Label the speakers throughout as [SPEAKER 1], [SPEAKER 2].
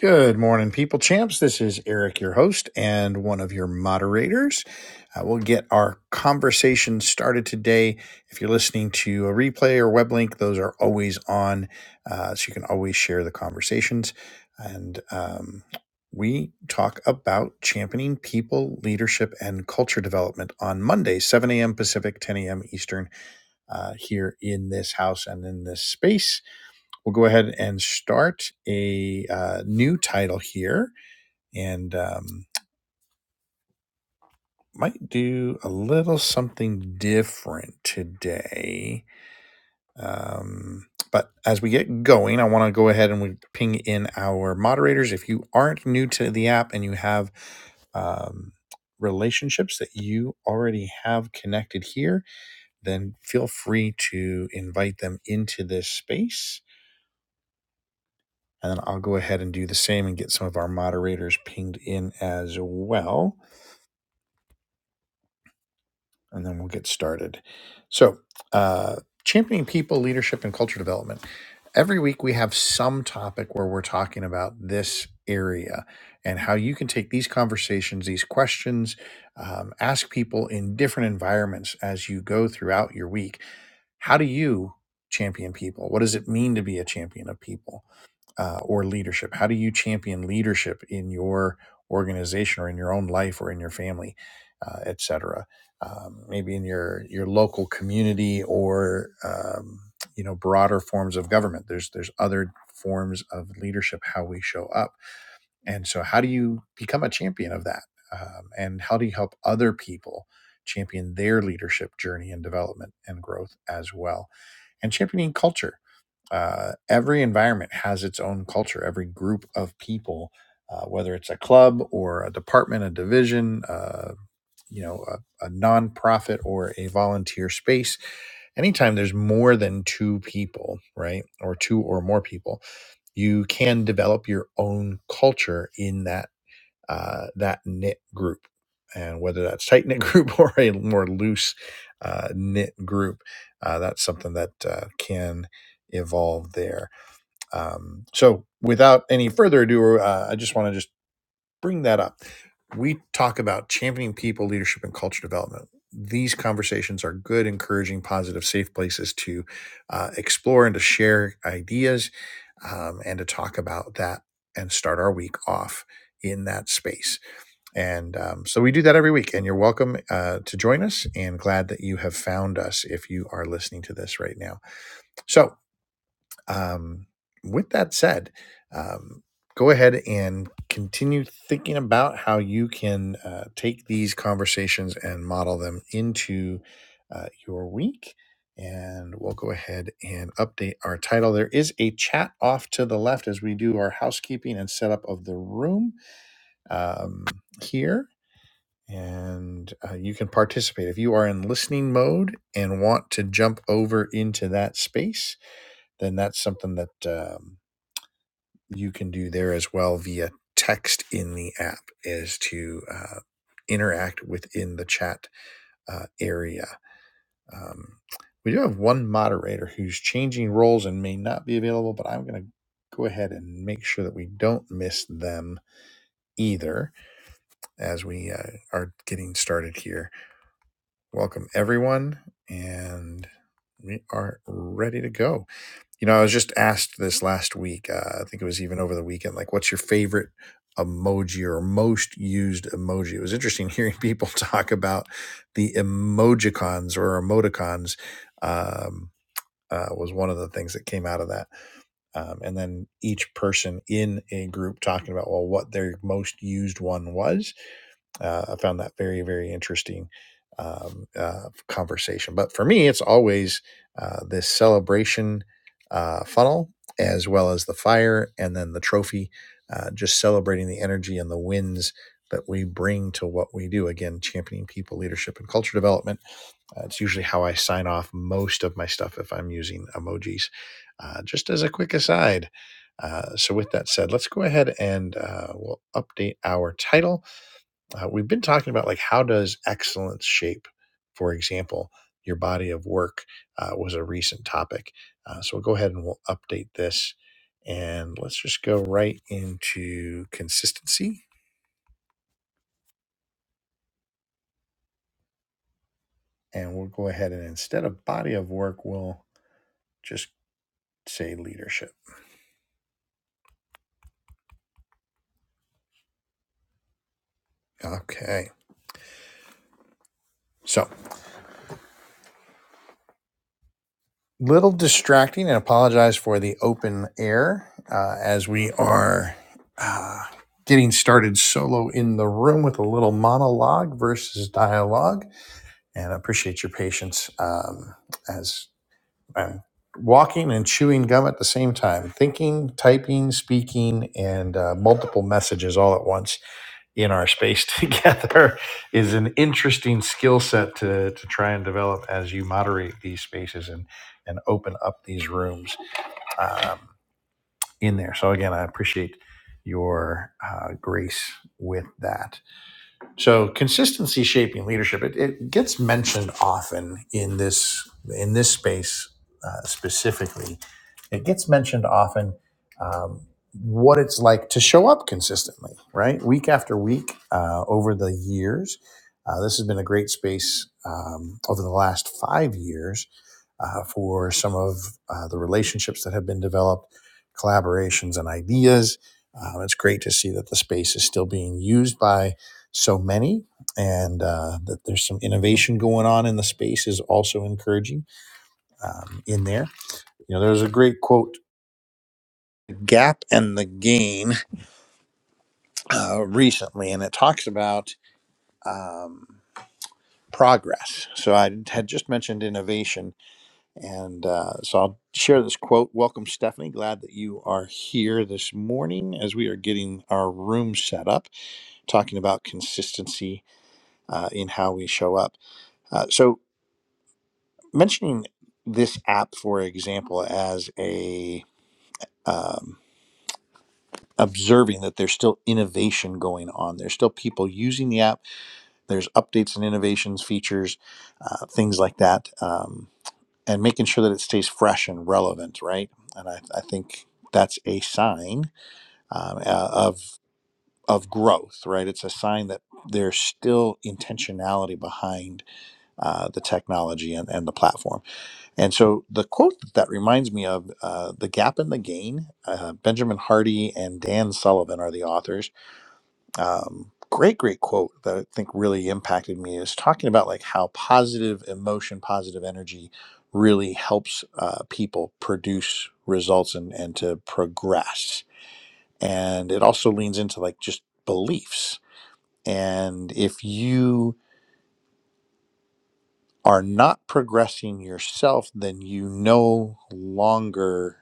[SPEAKER 1] Good morning, people champs. This is Eric, your host and one of your moderators. Uh, we'll get our conversation started today. If you're listening to a replay or web link, those are always on, uh, so you can always share the conversations. And um, we talk about championing people, leadership, and culture development on Monday, 7 a.m. Pacific, 10 a.m. Eastern, uh, here in this house and in this space we'll go ahead and start a uh, new title here and um, might do a little something different today. Um, but as we get going, I want to go ahead and we ping in our moderators. If you aren't new to the app and you have um, relationships that you already have connected here, then feel free to invite them into this space. And then I'll go ahead and do the same and get some of our moderators pinged in as well. And then we'll get started. So, uh, championing people, leadership, and culture development. Every week we have some topic where we're talking about this area and how you can take these conversations, these questions, um, ask people in different environments as you go throughout your week. How do you champion people? What does it mean to be a champion of people? uh, or leadership? How do you champion leadership in your organization or in your own life or in your family, uh, et cetera? Um, maybe in your your local community or um, you know broader forms of government. There's there's other forms of leadership how we show up, and so how do you become a champion of that? Um, and how do you help other people champion their leadership journey and development and growth as well? And championing culture uh, every environment has its own culture. Every group of people, uh, whether it's a club or a department, a division, uh, you know, a, a nonprofit or a volunteer space, anytime there's more than two people, right, or two or more people, you can develop your own culture in that uh, that knit group. And whether that's tight knit group or a more loose uh, knit group, uh, that's something that uh, can evolve there. Um, so, without any further ado, uh, I just want to just bring that up. We talk about championing people, leadership, and culture development. These conversations are good, encouraging, positive, safe places to uh, explore and to share ideas um, and to talk about that and start our week off in that space. And um, so we do that every week, and you're welcome uh, to join us. And glad that you have found us if you are listening to this right now. So, um, with that said, um, go ahead and continue thinking about how you can uh, take these conversations and model them into uh, your week. And we'll go ahead and update our title. There is a chat off to the left as we do our housekeeping and setup of the room um, here and uh, you can participate. If you are in listening mode and want to jump over into that space, then that's something that um, you can do there as well via text in the app, is to uh, interact within the chat uh, area. Um, we do have one moderator who's changing roles and may not be available, but I'm going to go ahead and make sure that we don't miss them either as we uh, are getting started here Welcome, everyone. And we are ready to go. You know, I was just asked this last week. Uh, I think it was even over the weekend, like, what's your favorite emoji or most used emoji? It was interesting hearing people talk about the emojicons or emoticons. Um, uh, was one of the things that came out of that. Um, and then each person in a group talking about, well, what their most used one was uh, I found that very, very interesting um, uh, conversation. But for me, it's always uh, this celebration uh, funnel, as well as the fire and then the trophy, uh, just celebrating the energy and the wins that we bring to what we do. Again, championing people, leadership, and culture development. Uh, it's usually how I sign off most of my stuff if I'm using emojis. Uh, just as a quick aside, uh, so with that said, let's go ahead and uh, we'll update our title uh, we've been talking about like how does excellence shape for example your body of work uh, was a recent topic uh, so we'll go ahead and we'll update this and let's just go right into consistency and we'll go ahead and instead of body of work we'll just say leadership okay so little distracting and apologize for the open air uh, as we are uh, getting started solo in the room with a little monologue versus dialogue. And I appreciate your patience um, as I'm walking and chewing gum at the same time, thinking, typing, speaking, and uh, multiple messages all at once in our space together is an interesting skill set to, to try and develop as you moderate these spaces and, and open up these rooms um, in there. So, again, I appreciate your uh, grace with that. So consistency shaping leadership it, it gets mentioned often in this in this space uh, specifically. It gets mentioned often um, what it's like to show up consistently, right? Week after week uh, over the years. Uh, this has been a great space um, over the last five years uh, for some of uh, the relationships that have been developed, collaborations, and ideas. Um, it's great to see that the space is still being used by so many and uh, that there's some innovation going on in the space is also encouraging um, in there. You know, there's a great quote, Gap and the Gain, uh, recently, and it talks about um, progress. So I had just mentioned innovation And uh, so I'll share this quote. Welcome, Stephanie. Glad that you are here this morning as we are getting our room set up, talking about consistency uh, in how we show up. Uh, so, mentioning this app, for example, as a um, observing that there's still innovation going on, there's still people using the app, there's updates and innovations, features, uh, things like that. Um, and making sure that it stays fresh and relevant, right? And I, I think that's a sign um, uh, of of growth, right? It's a sign that there's still intentionality behind uh, the technology and, and the platform. And so the quote that, that reminds me of uh, the gap and the gain. Uh, Benjamin Hardy and Dan Sullivan are the authors um, great great quote that i think really impacted me is talking about like how positive emotion positive energy really helps uh, people produce results and and to progress and it also leans into like just beliefs and if you are not progressing yourself then you no longer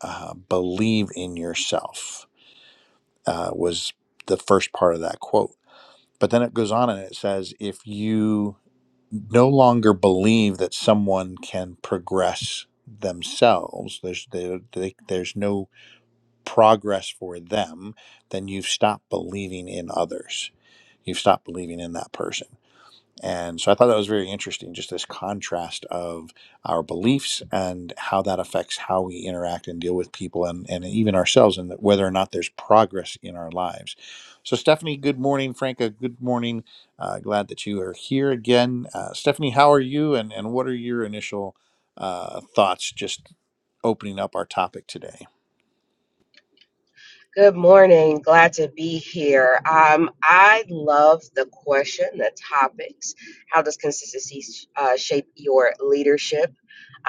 [SPEAKER 1] uh, believe in yourself uh, was the first part of that quote but then it goes on and it says if you no longer believe that someone can progress themselves there's there, they, there's no progress for them then you've stopped believing in others you've stopped believing in that person and so I thought that was very interesting, just this contrast of our beliefs and how that affects how we interact and deal with people and, and even ourselves, and whether or not there's progress in our lives. So, Stephanie, good morning. Franca, good morning. Uh, glad that you are here again. Uh, Stephanie, how are you, and, and what are your initial uh, thoughts just opening up our topic today?
[SPEAKER 2] Good morning. Glad to be here. Um, I love the question, the topics. How does consistency uh, shape your leadership?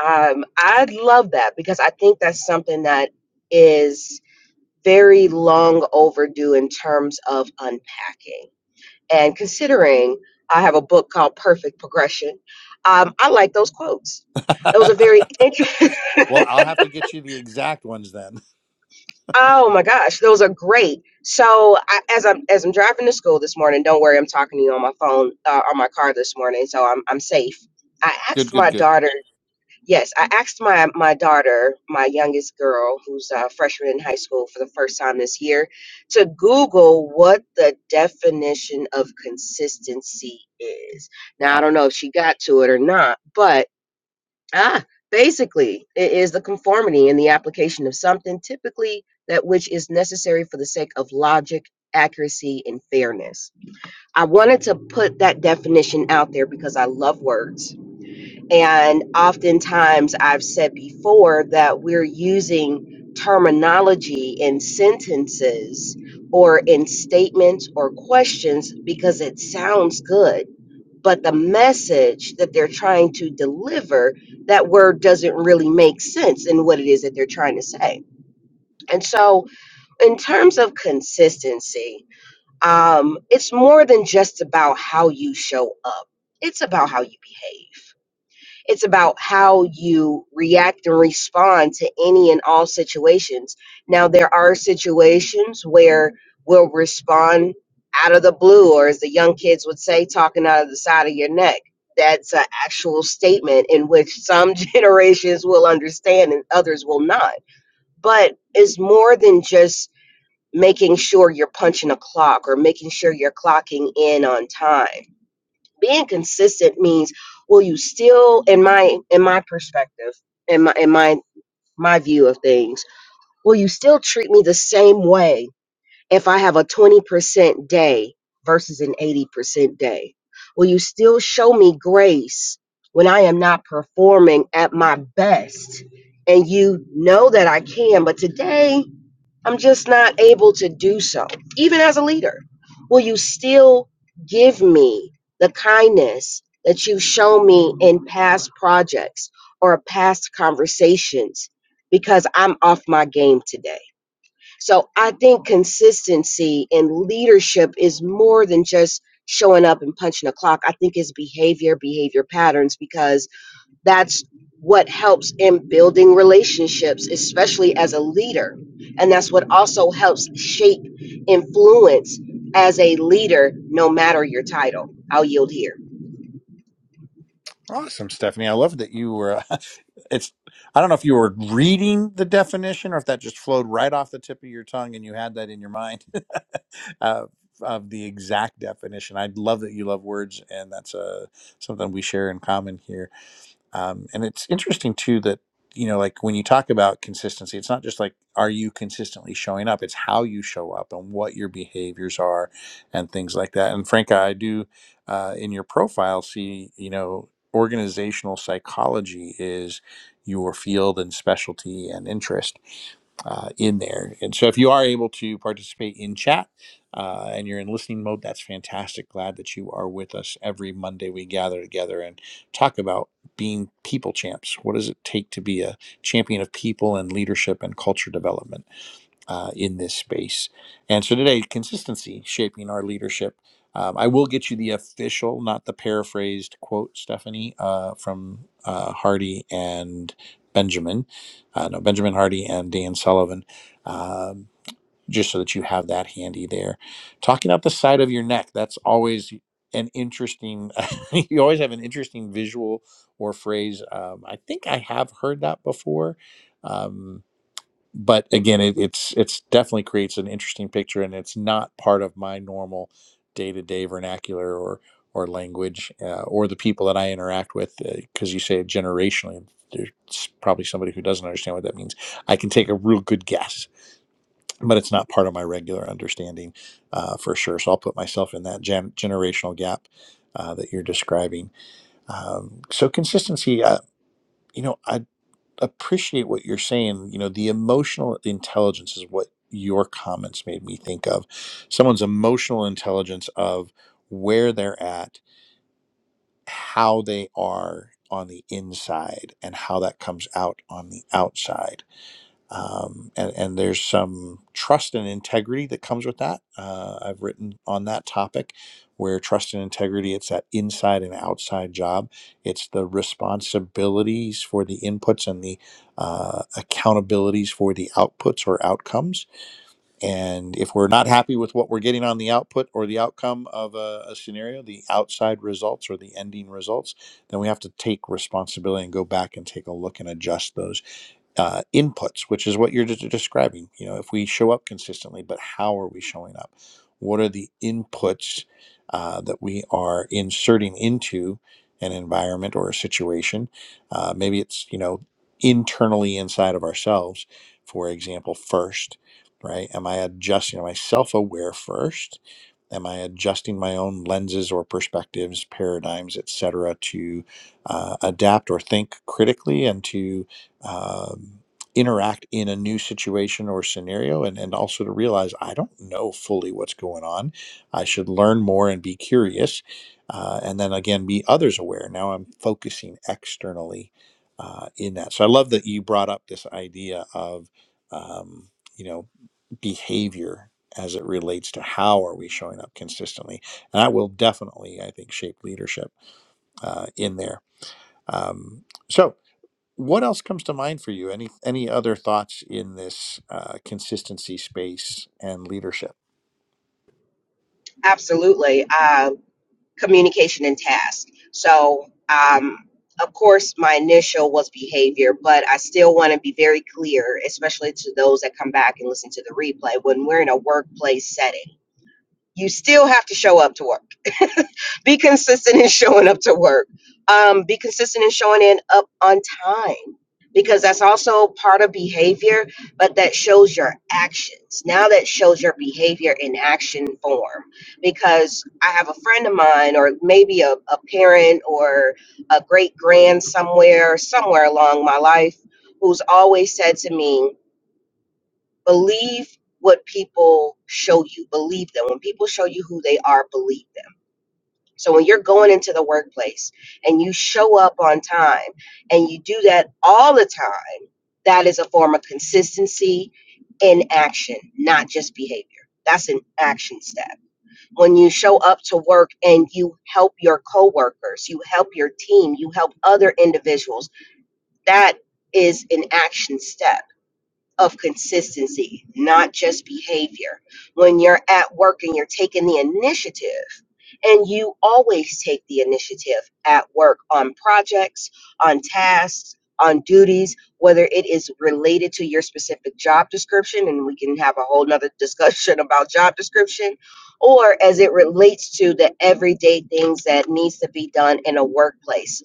[SPEAKER 2] Um, I love that because I think that's something that is very long overdue in terms of unpacking and considering. I have a book called Perfect Progression. Um, I like those quotes. That was a very interesting.
[SPEAKER 1] well, I'll have to get you the exact ones then.
[SPEAKER 2] Oh my gosh, those are great. So I, as I'm as I'm driving to school this morning, don't worry, I'm talking to you on my phone uh, on my car this morning, so I'm I'm safe. I
[SPEAKER 1] Good,
[SPEAKER 2] asked
[SPEAKER 1] good,
[SPEAKER 2] my
[SPEAKER 1] good.
[SPEAKER 2] daughter. Yes, I asked my my daughter, my youngest girl, who's a freshman in high school for the first time this year, to Google what the definition of consistency is. Now I
[SPEAKER 1] Wow.
[SPEAKER 2] don't know if she got to it or not, but Ah, basically, it is the conformity in the application of something, typically that which is necessary for the sake of logic, accuracy, and fairness. I wanted to put that definition out there because I love words. And oftentimes I've said before that we're using terminology in sentences or in statements or questions because it sounds good but the message that they're trying to deliver that word doesn't really make sense in what it is that they're trying to say and so in terms of consistency um, it's more than just about how you show up it's about how you behave it's about how you react and respond to any and all situations. Now, there are situations where we'll respond out of the blue, or as the young kids would say, talking out of the side of your neck. That's an actual statement in which some generations will understand and others will not. But it's more than just making sure you're punching a clock or making sure you're clocking in on time being consistent means will you still in my in my perspective in my in my my view of things will you still treat me the same way if i have a 20% day versus an 80% day will you still show me grace when i am not performing at my best and you know that i can but today I'm just not able to do so, even as a leader. Will you still give me the kindness that you've shown me in past projects or past conversations? Because I'm off my game today. So I think consistency in leadership is more than just showing up and punching a clock. I think it's behavior, behavior patterns, because that's what helps in building relationships especially as a leader and that's what also helps shape influence as a leader no matter your title i'll yield here
[SPEAKER 1] Awesome, Stephanie. I love that you were. It's. I don't know if you were reading the definition or if that just flowed right off the tip of your tongue and you had that in your mind uh, of the exact definition. I love that you love words, and that's uh, something we share in common here. Um, and it's interesting too that you know, like when you talk about consistency, it's not just like are you consistently showing up; it's how you show up and what your behaviors are, and things like that. And Franca, I do uh, in your profile see you know organizational psychology is your field and specialty and interest uh, in there. And so if you are able to participate in chat uh, and you're in listening mode, that's fantastic. Glad that you are with us every Monday. We gather together and talk about being people champs. What does it take to be a champion of people and leadership and culture development? uh, in this space. And so today, consistency shaping our leadership. Um, I will get you the official, not the paraphrased quote, Stephanie, uh, from uh, Hardy and Benjamin. Uh, no, Benjamin Hardy and Dan Sullivan, um, just so that you have that handy there. Talking up the side of your neck, that's always an interesting, you always have an interesting visual or phrase. Um, I think I have heard that before. Um, but again it, it's it's definitely creates an interesting picture and it's not part of my normal day-to-day vernacular or or language uh, or the people that i interact with because you say it generationally there's probably somebody who doesn't understand what that means i can take a real good guess but it's not part of my regular understanding uh, for sure so i'll put myself in that gen- generational gap uh, that you're describing um, so consistency uh, you know I appreciate what you're saying. You know, the emotional intelligence is what your comments made me think of. Someone's emotional intelligence of where they're at, how they are on the inside, and how that comes out on the outside um, and, and there's some trust and integrity that comes with that. Uh, I've written on that topic where trust and integrity, it's that inside and outside job. It's the responsibilities for the inputs and the uh, accountabilities for the outputs or outcomes and if we're not happy with what we're getting on the output or the outcome of a, a scenario, the outside results or the ending results, then we have to take responsibility and go back and take a look and adjust those uh, inputs, which is what you're de- describing. You know, if we show up consistently, but how are we showing up? What are the inputs uh, that we are inserting into an environment or a situation? Uh, maybe it's, you know, internally inside of ourselves, for example, first right? Am I adjusting? Am I self aware first? Am I adjusting my own lenses or perspectives, paradigms, et cetera, to uh, adapt or think critically and to um, interact in a new situation or scenario? And, and also to realize I don't know fully what's going on. I should learn more and be curious. Uh, and then again, be others aware. Now I'm focusing externally uh, in that. So I love that you brought up this idea of. Um, you know behavior as it relates to how are we showing up consistently and that will definitely i think shape leadership uh, in there um, so what else comes to mind for you any any other thoughts in this uh, consistency space and leadership
[SPEAKER 2] absolutely uh, communication and task so um, of course my initial was behavior but i still want to be very clear especially to those that come back and listen to the replay when we're in a workplace setting you still have to show up to work be consistent in showing up to work um, be consistent in showing in up on time because that's also part of behavior but that shows your actions now that shows your behavior in action form because i have a friend of mine or maybe a, a parent or a great grand somewhere somewhere along my life who's always said to me believe what people show you believe them when people show you who they are believe them so when you're going into the workplace and you show up on time and you do that all the time, that is a form of consistency in action, not just behavior. That's an action step. When you show up to work and you help your coworkers, you help your team, you help other individuals, that is an action step of consistency, not just behavior. When you're at work and you're taking the initiative, and you always take the initiative at work on projects, on tasks, on duties, whether it is related to your specific job description, and we can have a whole nother discussion about job description, or as it relates to the everyday things that needs to be done in a workplace.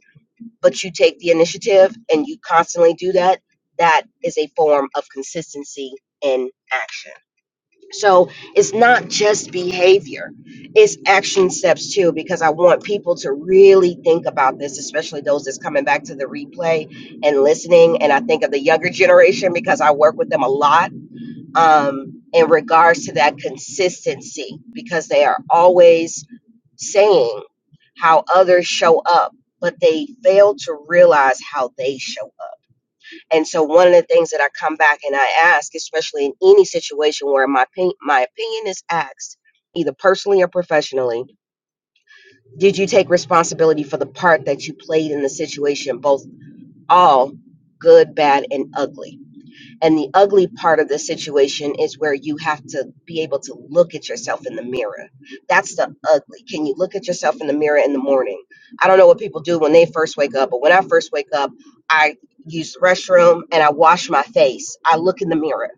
[SPEAKER 2] But you take the initiative and you constantly do that. That is a form of consistency in action. So it's not just behavior, it's action steps too, because I want people to really think about this, especially those that's coming back to the replay and listening. And I think of the younger generation because I work with them a lot um, in regards to that consistency, because they are always saying how others show up, but they fail to realize how they show up and so one of the things that I come back and I ask, especially in any situation where my opin- my opinion is asked, either personally or professionally, did you take responsibility for the part that you played in the situation, both all good, bad, and ugly? And the ugly part of the situation is where you have to be able to look at yourself in the mirror. That's the ugly. Can you look at yourself in the mirror in the morning? I don't know what people do when they first wake up, but when I first wake up, I use the restroom and I wash my face. I look in the mirror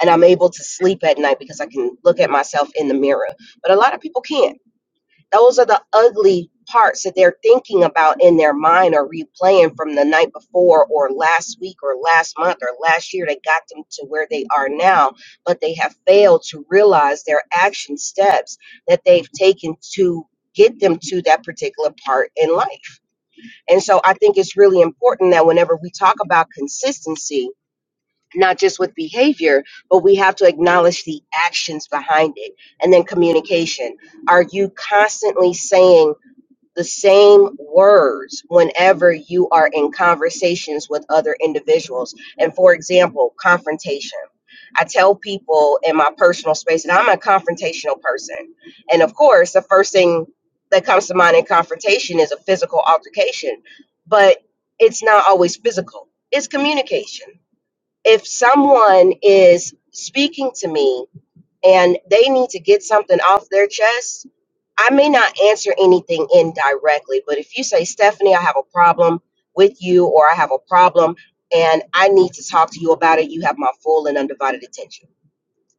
[SPEAKER 2] and I'm able to sleep at night because I can look at myself in the mirror. But a lot of people can't those are the ugly parts that they're thinking about in their mind or replaying from the night before or last week or last month or last year that got them to where they are now. But they have failed to realize their action steps that they've taken to get them to that particular part in life. And so I think it's really important that whenever we talk about consistency, not just with behavior, but we have to acknowledge the actions behind it. And then communication. Are you constantly saying, the same words whenever you are in conversations with other individuals. And for example, confrontation. I tell people in my personal space that I'm a confrontational person. And of course, the first thing that comes to mind in confrontation is a physical altercation, but it's not always physical, it's communication. If someone is speaking to me and they need to get something off their chest. I may not answer anything indirectly, but if you say, Stephanie, I have a problem with you, or I have a problem and I need to talk to you about it, you have my full and undivided attention.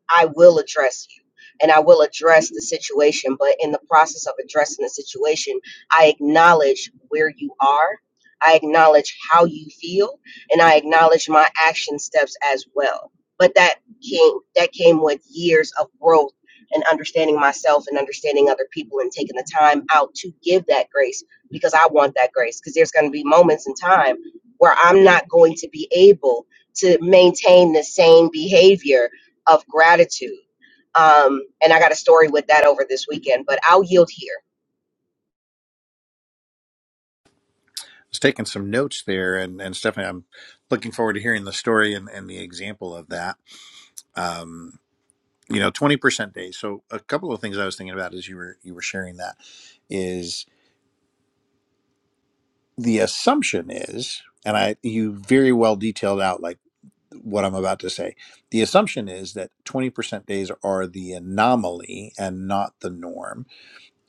[SPEAKER 2] I will address you and I will address the situation. But in the process of addressing the situation, I acknowledge where you are, I acknowledge how you feel, and I acknowledge my action steps as well. But that came that came with years of growth and understanding myself and understanding other people and taking the time out to give that grace because I want that grace. Because there's gonna be moments in time where I'm not going to be able to maintain the same behavior of gratitude. Um, and I got a story with that over this weekend, but I'll yield here.
[SPEAKER 1] I was taking some notes there and and stephanie i'm looking forward to hearing the story and, and the example of that um, you know 20% days so a couple of things i was thinking about as you were you were sharing that is the assumption is, and I you very well detailed out like what I'm about to say. The assumption is that 20% days are the anomaly and not the norm,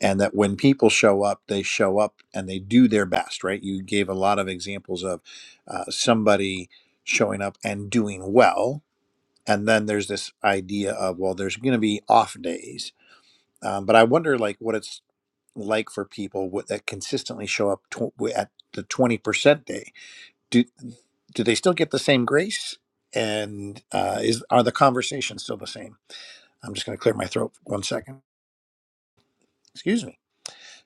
[SPEAKER 1] and that when people show up, they show up and they do their best. Right? You gave a lot of examples of uh, somebody showing up and doing well, and then there's this idea of well, there's going to be off days, um, but I wonder like what it's like for people wh- that consistently show up tw- at the 20% day do do they still get the same grace? And uh, is are the conversations still the same? I'm just going to clear my throat for one second. Excuse me.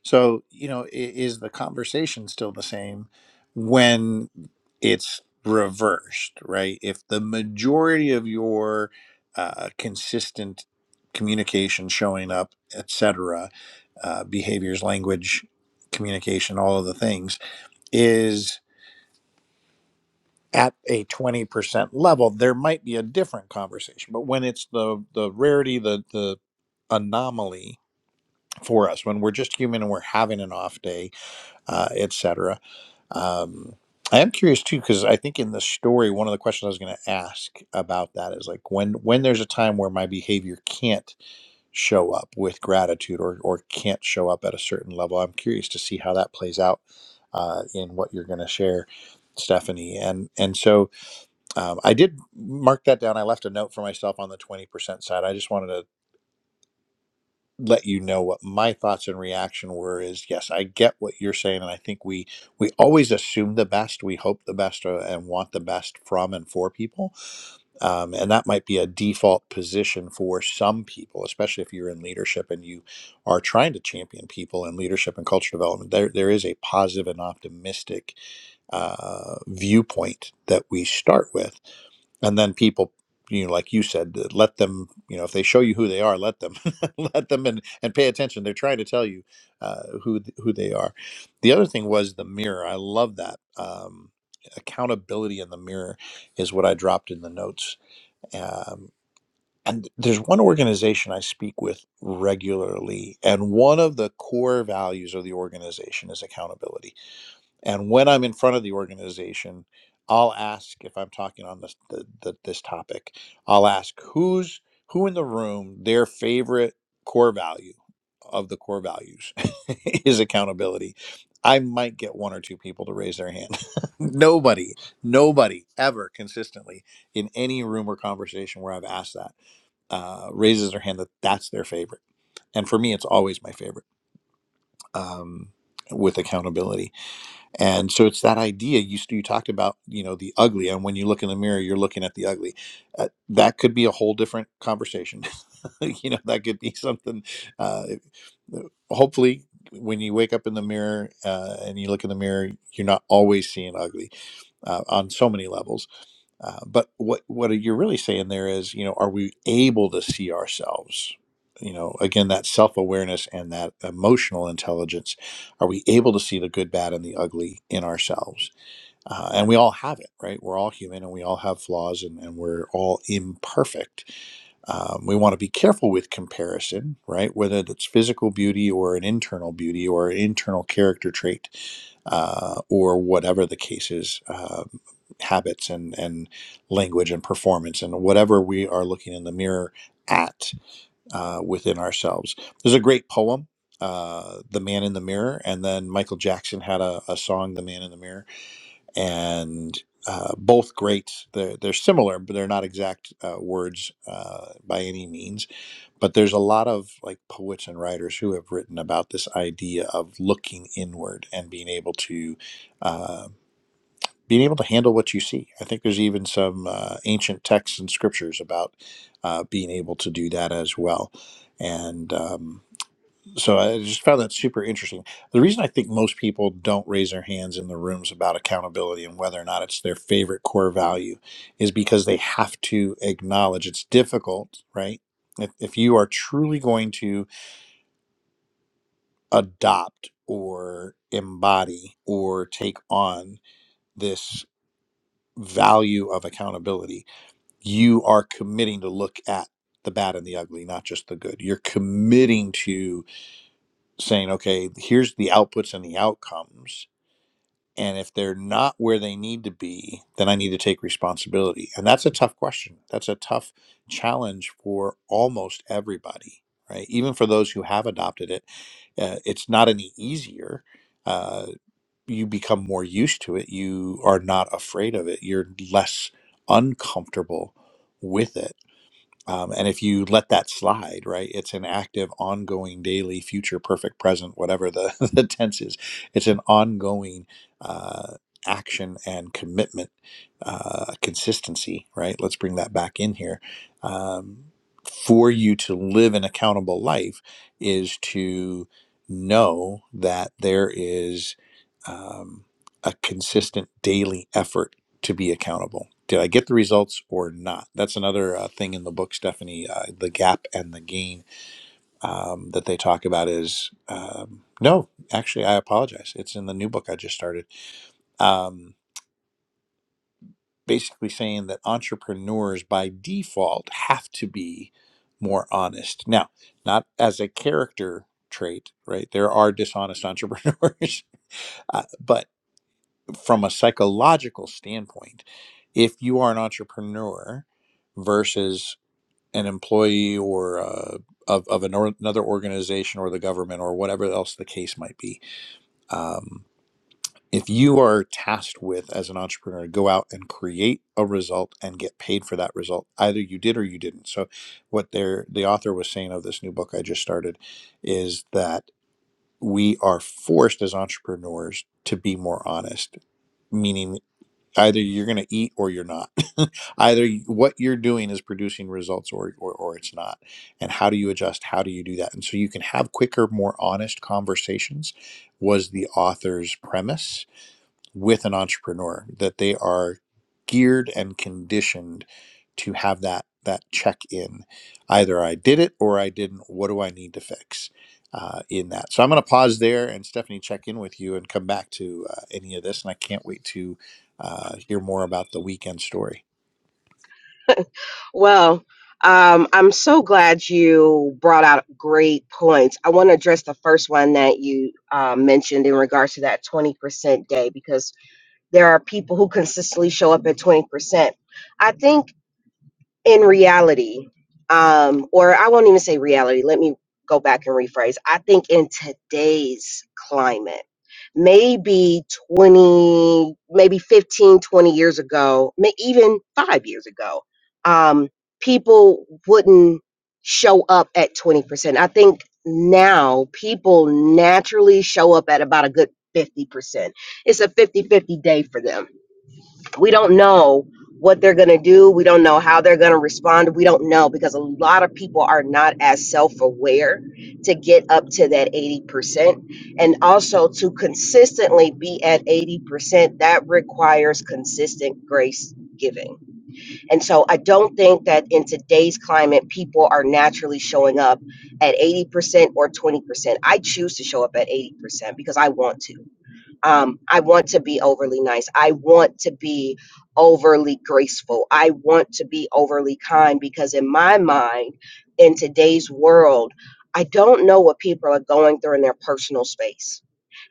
[SPEAKER 1] So you know, i- is the conversation still the same when it's reversed, right? If the majority of your uh, consistent communication, showing up, etc., uh, behaviors, language, communication, all of the things is at a 20% level there might be a different conversation but when it's the the rarity the the anomaly for us when we're just human and we're having an off day uh, etc um, i am curious too because i think in the story one of the questions i was going to ask about that is like when when there's a time where my behavior can't show up with gratitude or or can't show up at a certain level i'm curious to see how that plays out uh, in what you're going to share stephanie and and so um, I did mark that down. I left a note for myself on the 20% side. I just wanted to let you know what my thoughts and reaction were is yes, I get what you're saying. And I think we, we always assume the best, we hope the best uh, and want the best from and for people. Um, and that might be a default position for some people, especially if you're in leadership and you are trying to champion people in leadership and culture development. There, there is a positive and optimistic uh, viewpoint that we start with and then people you know like you said uh, let them you know if they show you who they are let them let them and and pay attention they're trying to tell you uh, who th- who they are the other thing was the mirror i love that um, accountability in the mirror is what i dropped in the notes um, and there's one organization i speak with regularly and one of the core values of the organization is accountability and when I'm in front of the organization, I'll ask if I'm talking on this the, the, this topic. I'll ask who's who in the room their favorite core value of the core values is accountability. I might get one or two people to raise their hand. nobody, nobody ever consistently in any room or conversation where I've asked that uh, raises their hand that that's their favorite. And for me, it's always my favorite um, with accountability and so it's that idea you s- you talked about, you know, the ugly, and when you look in the mirror, you're looking at the ugly. Uh, that could be a whole different conversation. you know, that could be something. Uh, hopefully, when you wake up in the mirror uh, and you look in the mirror, you're not always seeing ugly uh, on so many levels. Uh, but what what you're really saying there is, you know, are we able to see ourselves? You know, again, that self awareness and that emotional intelligence. Are we able to see the good, bad, and the ugly in ourselves? uh, and we all have it right we're all human and we all have flaws and, and we're all imperfect um, we want to be careful with comparison right whether it's physical beauty or an internal beauty or an internal character trait uh, or whatever the case is um, habits and, and language and performance and whatever we are looking in the mirror at uh, within ourselves there's a great poem uh, the man in the mirror and then michael jackson had a, a song the man in the mirror and uh, both great. They're, they're similar, but they're not exact uh, words uh, by any means. But there's a lot of like poets and writers who have written about this idea of looking inward and being able to uh, being able to handle what you see. I think there's even some uh, ancient texts and scriptures about uh, being able to do that as well. And um, so I just found that super interesting. The reason I think most people don't raise their hands in the rooms about accountability and whether or not it's their favorite core value is because they have to acknowledge it's difficult, right? If, if you are truly going to adopt or embody or take on this value of accountability, you are committing to look at the bad and the ugly, not just the good. You're committing to saying, okay, here's the outputs and the outcomes And if they're not where they need to be, then I need to take responsibility. And that's a tough question. That's a tough challenge for almost everybody, right? Even for those who have adopted it, uh, it's not any easier. Uh, you become more used to it. You are not afraid of it. You're less uncomfortable with it um, and if you let that slide, right, it's an active, ongoing, daily, future, perfect, present, whatever the, the tense is. It's an ongoing uh, action and commitment, uh, consistency, right? Let's bring that back in here. Um, for you to live an accountable life is to know that there is um, a consistent daily effort to be accountable. Did I get the results or not? That's another uh, thing in the book, Stephanie. Uh, the gap and the gain um, that they talk about is um, no, actually, I apologize. It's in the new book I just started. Um, basically, saying that entrepreneurs by default have to be more honest. Now, not as a character trait, right? There are dishonest entrepreneurs, uh, but from a psychological standpoint, if you are an entrepreneur versus an employee or uh, of, of an or, another organization or the government or whatever else the case might be, um, if you are tasked with as an entrepreneur to go out and create a result and get paid for that result, either you did or you didn't. So, what they're, the author was saying of this new book I just started is that we are forced as entrepreneurs to be more honest, meaning. Either you're going to eat or you're not. Either y- what you're doing is producing results or, or, or it's not. And how do you adjust? How do you do that? And so you can have quicker, more honest conversations, was the author's premise with an entrepreneur that they are geared and conditioned to have that that check in either i did it or i didn't what do i need to fix uh, in that so i'm going to pause there and stephanie check in with you and come back to uh, any of this and i can't wait to uh, hear more about the weekend story
[SPEAKER 2] Well, um, I'm so glad you brought out great points. I want to address the first one that you uh, mentioned in regards to that 20% day because there are people who consistently show up at 20%. I think. in reality, um, or I won't even say reality, let me go back and rephrase. I think in today's climate, maybe 20, maybe 15, 20 years ago, may even five years ago, um, people wouldn't show up at 20%. I think now people naturally show up at about a good 50%. It's a fifty-fifty day for them we don't know what they're going to do. We don't know how they're going to respond. We don't know because a lot of people are not as self aware to get up to that 80%. And also to consistently be at 80%, that requires consistent grace giving. And so I don't think that in today's climate, people are naturally showing up at 80% or 20%. I choose to show up at 80% because I want to um, I want to be overly nice. I want to be overly graceful. I want to be overly kind because, in my mind, in today's world, I don't know what people are going through in their personal space.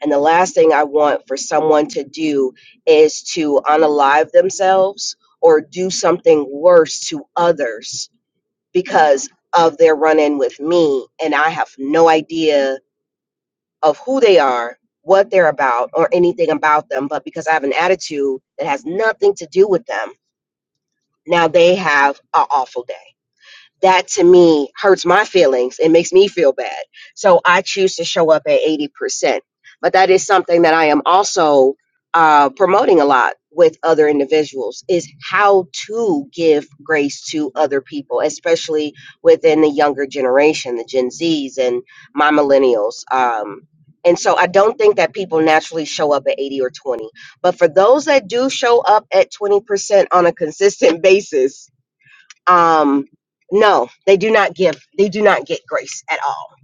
[SPEAKER 2] And the last thing I want for someone to do is to unalive themselves or do something worse to others because of their run in with me. And I have no idea of who they are, what they're about, or anything about them, but because I have an attitude that has nothing to do with them, now they have an awful day that to me hurts my feelings it makes me feel bad so i choose to show up at 80% but that is something that i am also uh, promoting a lot with other individuals is how to give grace to other people especially within the younger generation the gen z's and my millennials um, and so i don't think that people naturally show up at 80 or 20 but for those that do show up at 20% on a consistent basis um no they do not give they do not get grace at all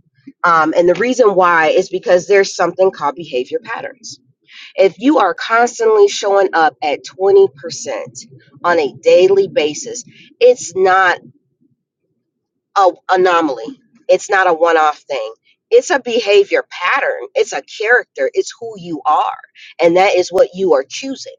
[SPEAKER 2] um and the reason why is because there's something called behavior patterns if you are constantly showing up at 20% on a daily basis it's not a anomaly it's not a one-off thing it's a behavior pattern it's a character it's who you are and that is what you are choosing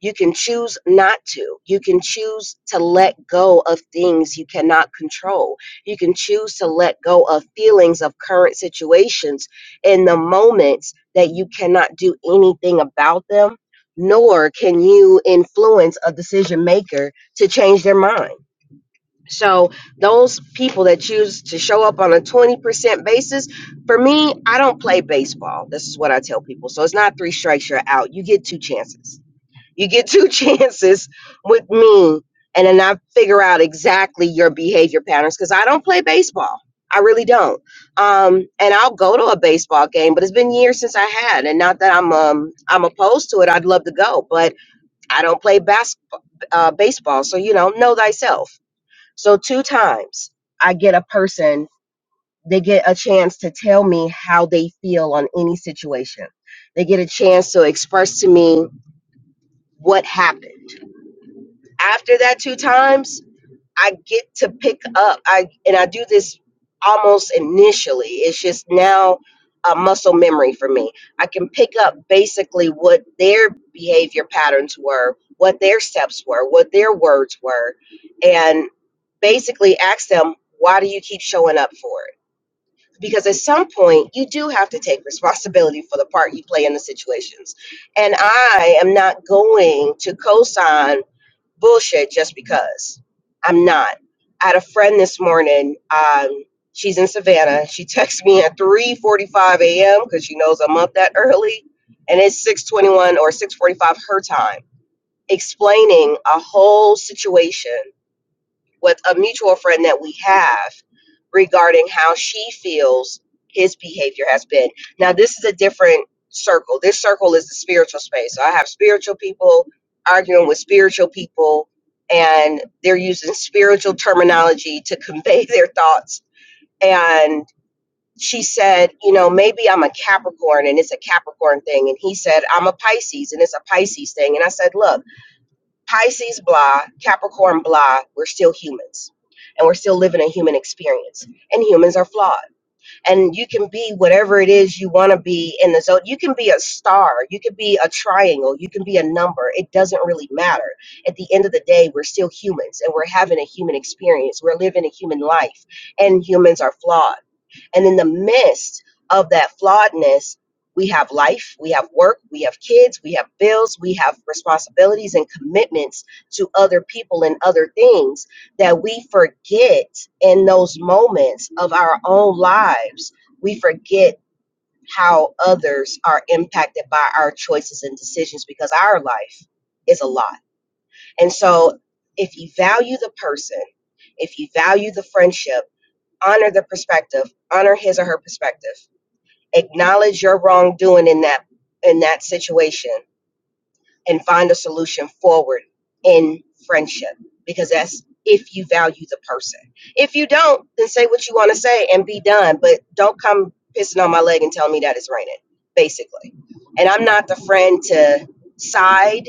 [SPEAKER 2] you can choose not to. You can choose to let go of things you cannot control. You can choose to let go of feelings of current situations in the moments that you cannot do anything about them, nor can you influence a decision maker to change their mind. So, those people that choose to show up on a 20% basis, for me, I don't play baseball. This is what I tell people. So, it's not three strikes, you're out. You get two chances you get two chances with me, and then I figure out exactly your behavior patterns because I don't play baseball. I really don't. Um, and I'll go to a baseball game, but it's been years since I had, and not that I'm um I'm opposed to it. I'd love to go, but I don't play bas- uh, baseball, so you know, know thyself. So two times I get a person. They get a chance to tell me how they feel on any situation. They get a chance to express to me what happened After that two times, I get to pick up. I and I do this almost initially. It's just now a muscle memory for me. I can pick up basically what their behavior patterns were, what their steps were, what their words were, and basically ask them, why do you keep showing up for it? Because at some point, you do have to take responsibility for the part you play in the situations. And I am not going to cosign bullshit just because. I'm not. I had a friend this morning. Um, she's in Savannah. She texts me at 3:45 a.m. because she knows I'm up that early, and it's 6:21 or 6:45 her time, explaining a whole situation with a mutual friend that we have regarding how she feels his behavior has been. Now, this is a different circle. This circle is the spiritual space. So I have spiritual people arguing with spiritual people, and they're using spiritual terminology to convey their thoughts. And she said, You know, maybe I'm a Capricorn and it's a Capricorn thing. And he said, I'm a Pisces and it's a Pisces thing. And I said, Look, Pisces, blah, Capricorn, blah, we're still humans and we're still living a human experience. And humans are flawed. And you can be whatever it is you want to be in the zone. You can be a star, you can be a triangle, you can be a number. It doesn't really matter. At the end of the day, we're still humans and we're having a human experience. We're living a human life, and humans are flawed. And in the midst of that flawedness, we have life, we have work, we have kids, we have bills, we have responsibilities and commitments to other people and other things that we forget in those moments of our own lives. We forget how others are impacted by our choices and decisions because our life is a lot. And so, if you value the person, if you value the friendship, honor the perspective, honor his or her perspective acknowledge your wrongdoing in that in that situation and find a solution forward in friendship because that's if you value the person if you don't then say what you want to say and be done but don't come pissing on my leg and tell me that it's raining basically and i'm not the friend to side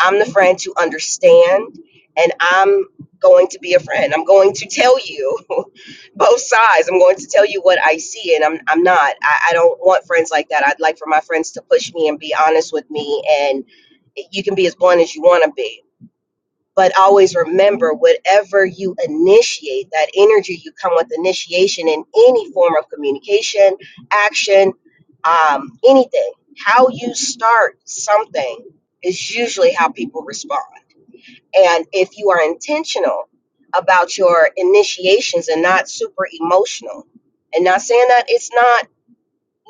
[SPEAKER 2] I'm the friend to understand, and I'm going to be a friend. I'm going to tell you both sides. I'm going to tell you what I see, and I'm I'm not. I, I don't want friends like that. I'd like for my friends to push me and be honest with me, and you can be as blunt as you want to be but always remember whatever you initiate that energy you come with initiation in any form of communication action um, anything how you start something is usually how people respond and if you are intentional about your initiations and not super emotional and not saying that it's not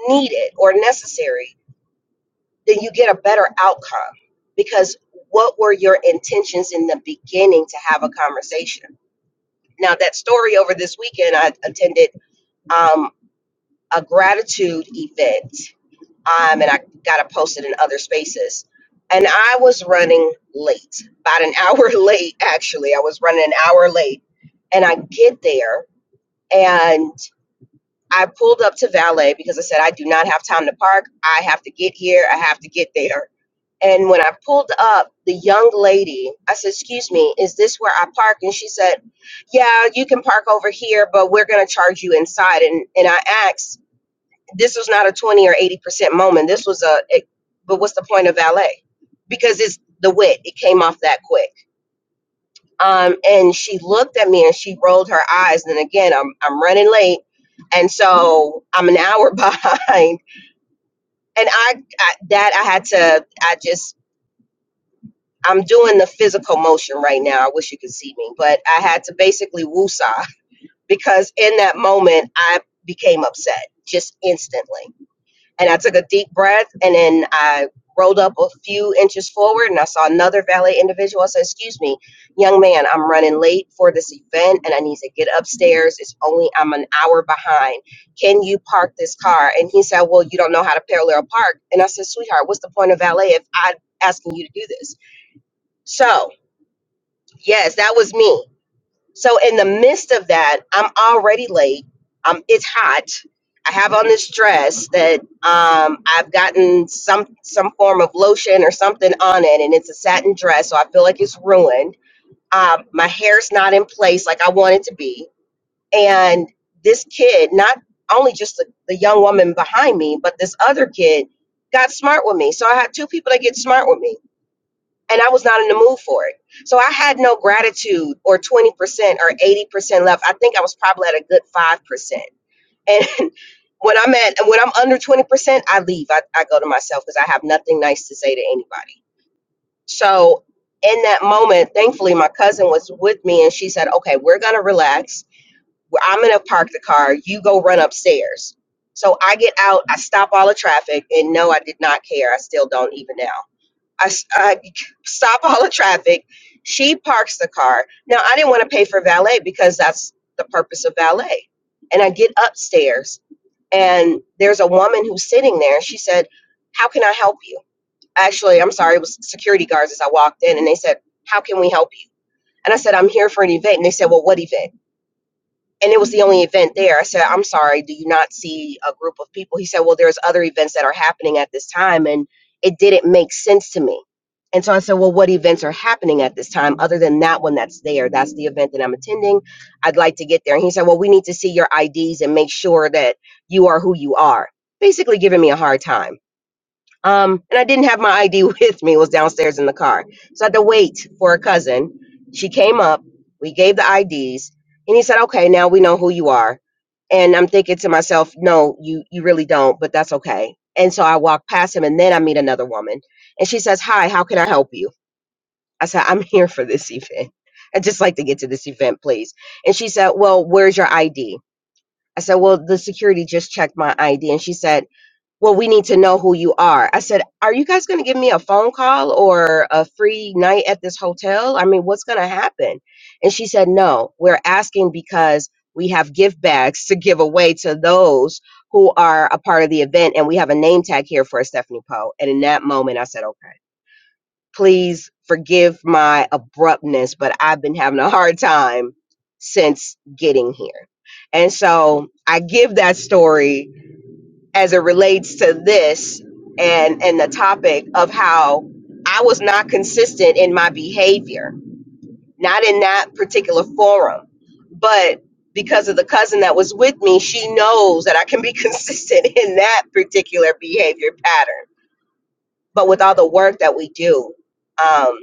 [SPEAKER 2] needed or necessary then you get a better outcome because what were your intentions in the beginning to have a conversation now that story over this weekend i attended um, a gratitude event um, and i got to post it in other spaces and i was running late about an hour late actually i was running an hour late and i get there and. I pulled up to valet because I said, I do not have time to park. I have to get here. I have to get there. And when I pulled up, the young lady, I said, Excuse me, is this where I park? And she said, Yeah, you can park over here, but we're going to charge you inside. And, and I asked, This was not a 20 or 80% moment. This was a, a- but what's the point of valet? Because it's the wit. It came off that quick. Um, and she looked at me and she rolled her eyes. And again, I'm I'm running late, and so I'm an hour behind. And I, I that I had to. I just I'm doing the physical motion right now. I wish you could see me, but I had to basically woosah because in that moment I became upset just instantly. And I took a deep breath and then I rolled up a few inches forward and I saw another valet individual. I said, Excuse me, young man, I'm running late for this event and I need to get upstairs. It's only, I'm an hour behind. Can you park this car? And he said, Well, you don't know how to parallel park. And I said, Sweetheart, what's the point of valet if I'm asking you to do this? So, yes, that was me. So in the midst of that, I'm already late. Um, it's hot. I have on this dress that um, I've gotten some some form of lotion or something on it, and it's a satin dress, so I feel like it's ruined. Um, my hair's not in place like I want it to be, and this kid, not only just the, the young woman behind me, but this other kid got smart with me. So I had two people that get smart with me and I was not in the mood for it. So I had no gratitude or 20% or 80% left. I think I was probably at a good 5%. And when I'm at when I'm under 20%, I leave. I, I go to myself because I have nothing nice to say to anybody. So in that moment, thankfully my cousin was with me and she said, "Okay, we're going to relax. Well, I'm going to park the car. You go run upstairs." So I get out, I stop all the traffic, and no, I did not care. I still don't even now I, s- I stop all the traffic. She parks the car. Now, I didn't want to pay for valet because that's the purpose of valet. And I get upstairs, and there's a woman who's sitting there. and She said, How can I help you? Actually, I'm sorry, it was security guards as I walked in, and they said, How can we help you? And I said, I'm here for an event. And they said, Well, what event? and it was the only event there. I said, I'm sorry, do you not see a group of people? He said, Well, there's other events that are happening at this time. And it didn't make sense to me. And so I said, Well, what events are happening at this time other than that one that's there? That's the event that I'm attending. I'd like to get there. And he said, Well, we need to see your IDs and make sure that you are who you are. Basically, giving me a hard time. Um, and I didn't have my ID with me; it was downstairs in the car, so I had to wait for a cousin. She came up, we gave the IDs, and he said, "Okay, now we know who you are." And I'm thinking to myself, "No, you you really don't, but that's okay." And so I walk past him, and then I meet another woman, and she says, "Hi, how can I help you?" I said, "I'm here for this event. I'd just like to get to this event, please." And she said, "Well, where's your ID?" I said, "Well, the security just checked my ID," and she said well, we need to know who you are. I said, Are you guys going to give me a phone call or a free night at this hotel? I mean, what's going to happen? And she said, No, we're asking because we have gift bags to give away to those who are a part of the event. And we have a name tag here for Stephanie Poe. And in that moment, I said, Okay, please forgive my abruptness, but I've been having a hard time since getting here. And so I give that story as it relates to this and and the topic of how I was not consistent in my behavior, not in that particular forum, but because of the cousin that was with me, she knows that I can be consistent in that particular behavior pattern. But with all the work that we do, um,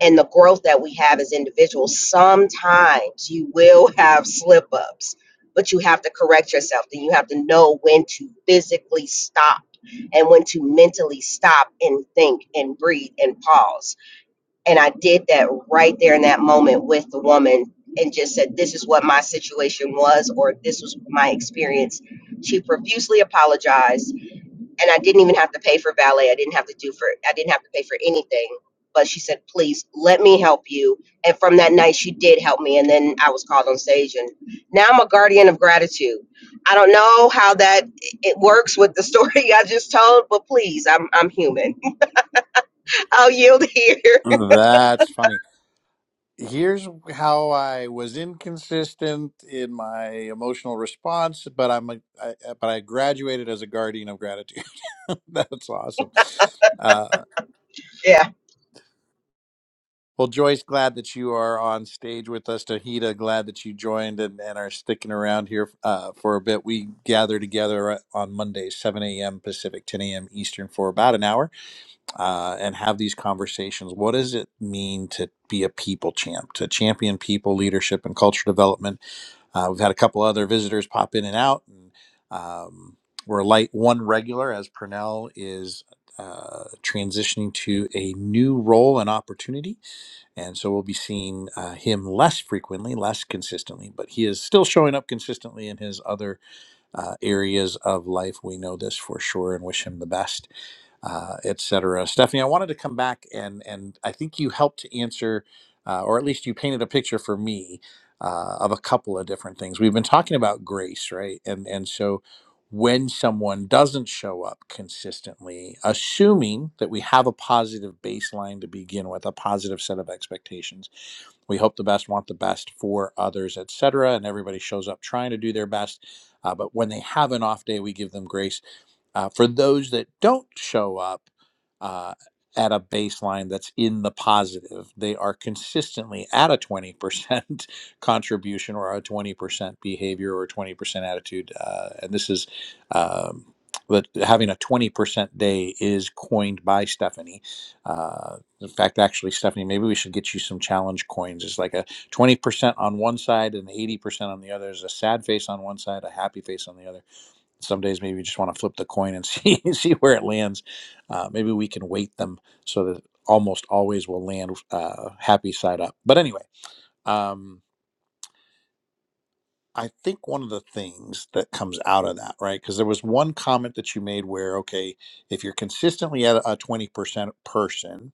[SPEAKER 2] and the growth that we have as individuals, sometimes you will have slip ups, but you have to correct yourself. Then you have to know when to physically stop and when to mentally stop and think and breathe and pause. And I did that right there in that moment with the woman and just said, This is what my situation was, or this was my experience. She profusely apologized and I didn't even have to pay for valet. I didn't have to do for I didn't have to pay for anything. But she said, "Please let me help you." And from that night, she did help me. And then I was called on stage, and now I'm a guardian of gratitude. I don't know how that it works with the story I just told, but please, I'm I'm human. I'll yield here.
[SPEAKER 1] that's funny here's how I was inconsistent in my emotional response, but I'm a, I, uh, but I graduated as a guardian of gratitude. That's awesome. Uh,
[SPEAKER 2] Yeah.
[SPEAKER 1] well, Joyce, glad that you are on stage with us. Tahita, glad that you joined and, and are sticking around here uh, for a bit. We gather together uh, on Mondays, 7 a.m. Pacific, 10 a.m. Eastern, for about an hour uh, and have these conversations. What does it mean to be a people champ, to champion people, leadership, and culture development? Uh, we've had a couple other visitors pop in and out, and um, we're light one regular as Purnell is uh, transitioning to a new role and opportunity, and so we'll be seeing uh, him less frequently, less consistently. But he is still showing up consistently in his other uh, areas of life. We know this for sure, and wish him the best uh, et cetera. Stephanie, I wanted to come back and and I think you helped to answer, uh, or at least you painted a picture for me uh, of a couple of different things. We've been talking about grace, right? And and so when someone doesn't show up consistently, assuming that we have a positive baseline to begin with, a positive set of expectations, we hope the best, want the best for others, et cetera, and everybody shows up trying to do their best. Uh, but when they have an off day, we give them grace uh, for those that don't show up uh, at a baseline that's in the positive, they are consistently at a 20% contribution or a 20% behavior or 20% attitude. Uh, and this is um, that having a 20% day is coined by Stephanie. Uh, in fact, actually, Stephanie, maybe we should get you some challenge coins. It's like a 20% on one side and 80% on the other. There's a sad face on one side, a happy face on the other some days maybe you just want to flip the coin and see see where it lands. Uh, maybe we can weight them so that almost always will land uh, happy side up. But anyway, um, I think one of the things that comes out of that, right? Because there was one comment that you made where, okay, if you're consistently at a twenty percent person,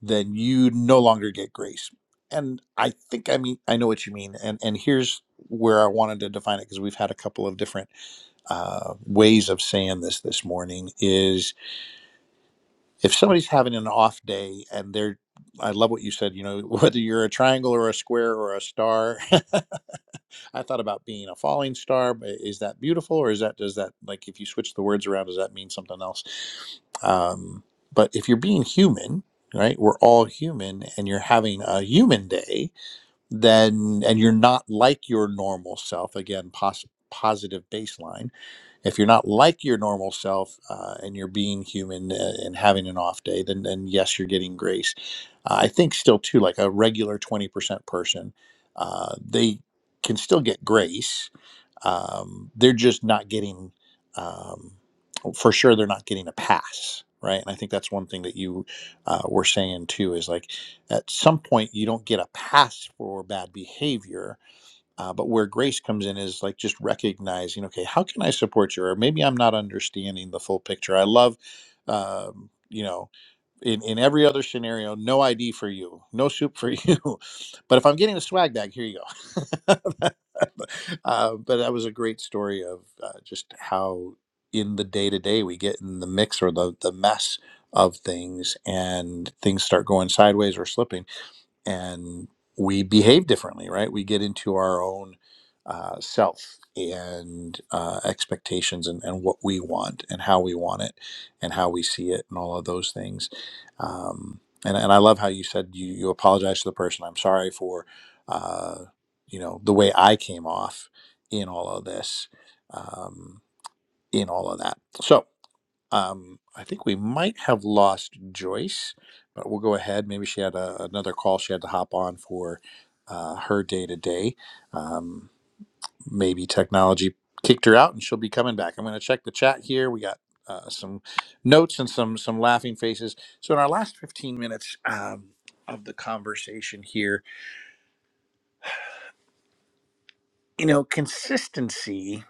[SPEAKER 1] then you no longer get grace. And I think I mean I know what you mean. And and here's where I wanted to define it because we've had a couple of different uh, ways of saying this this morning is if somebody's having an off day and they're I love what you said, you know, whether you're a triangle or a square or a star. I thought about being a falling star, but is that beautiful or is that does that like if you switch the words around does that mean something else? Um but if you're being human, right? We're all human and you're having a human day, then and you're not like your normal self again, pos- positive baseline if you're not like your normal self uh, and you're being human uh, and having an off day, then then yes, you're getting grace. Uh, I think still too, like a regular twenty percent person, uh, they can still get grace. Um, they're just not getting, um, for sure, they're not getting a pass, right? And I think that's one thing that you uh, were saying too is like, at some point, you don't get a pass for bad behavior uh, but where grace comes in is like just recognizing, okay, how can I support you? Or maybe I'm not understanding the full picture. I love, um, you know, in, in every other scenario, no ID for you, no soup for you. but if I'm getting a swag bag, here you go. uh, but that was a great story of uh, just how in the day to day we get in the mix or the, the mess of things and things start going sideways or slipping and we behave differently, right? We get into our own uh, self and uh, expectations and, and what we want and how we want it and how we see it and all of those things. Um, and, and I love how you said you, you apologize to the person. I'm sorry for, uh, you know, the way I came off in all of this, um, in all of that. So, um, I think we might have lost Joyce, but we'll go ahead. Maybe she had a, another call she had to hop on for uh, her day to day. Um, Maybe technology kicked her out, and she'll be coming back. I'm going to check the chat here. We got uh, some notes and some some laughing faces. So in our last 15 minutes um, of the conversation here, you know, consistency.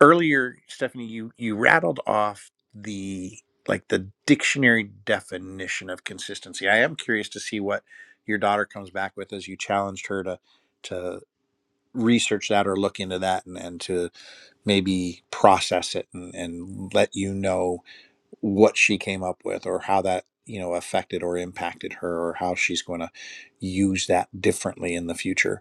[SPEAKER 1] earlier stephanie you you rattled off the like the dictionary definition of consistency i am curious to see what your daughter comes back with as you challenged her to to research that or look into that and, and to maybe process it and, and let you know what she came up with or how that you know affected or impacted her or how she's going to use that differently in the future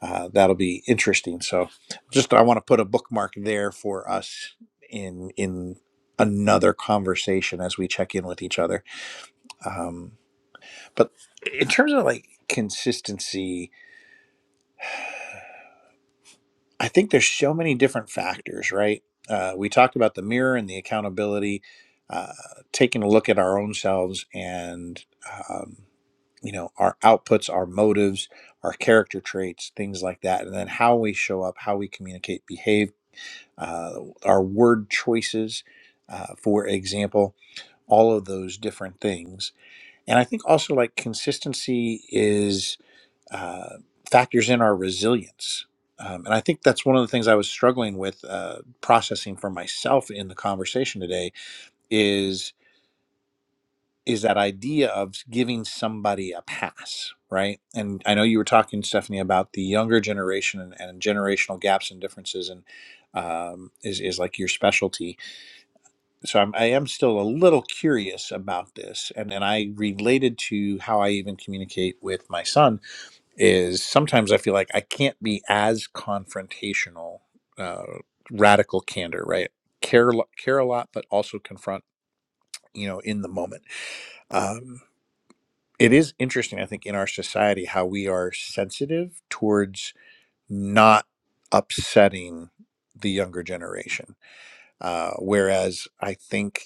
[SPEAKER 1] uh, that'll be interesting. So, just I want to put a bookmark there for us in in another conversation as we check in with each other. Um, but in terms of like consistency, I think there's so many different factors, right? Uh, we talked about the mirror and the accountability, uh, taking a look at our own selves and um, you know our outputs, our motives, our character traits, things like that, and then how we show up, how we communicate, behave uh, our word choices, uh, for example, all of those different things. And I think also like consistency is uh, factors in our resilience. Um, and I think that's one of the things I was struggling with uh, processing for myself in the conversation today is is that idea of giving somebody a pass, right? And I know you were talking, Stephanie, about the younger generation and, and generational gaps and differences, and um, is is like your specialty so I'm, I am still a little curious about this, and and I related to how I even communicate with my son is sometimes I feel like I can't be as confrontational, uh, radical candor, right? Care lo- care a lot, but also confront, you know, in the moment. Um, it is interesting, I think, in our society how we are sensitive towards not upsetting the younger generation, uh, whereas I think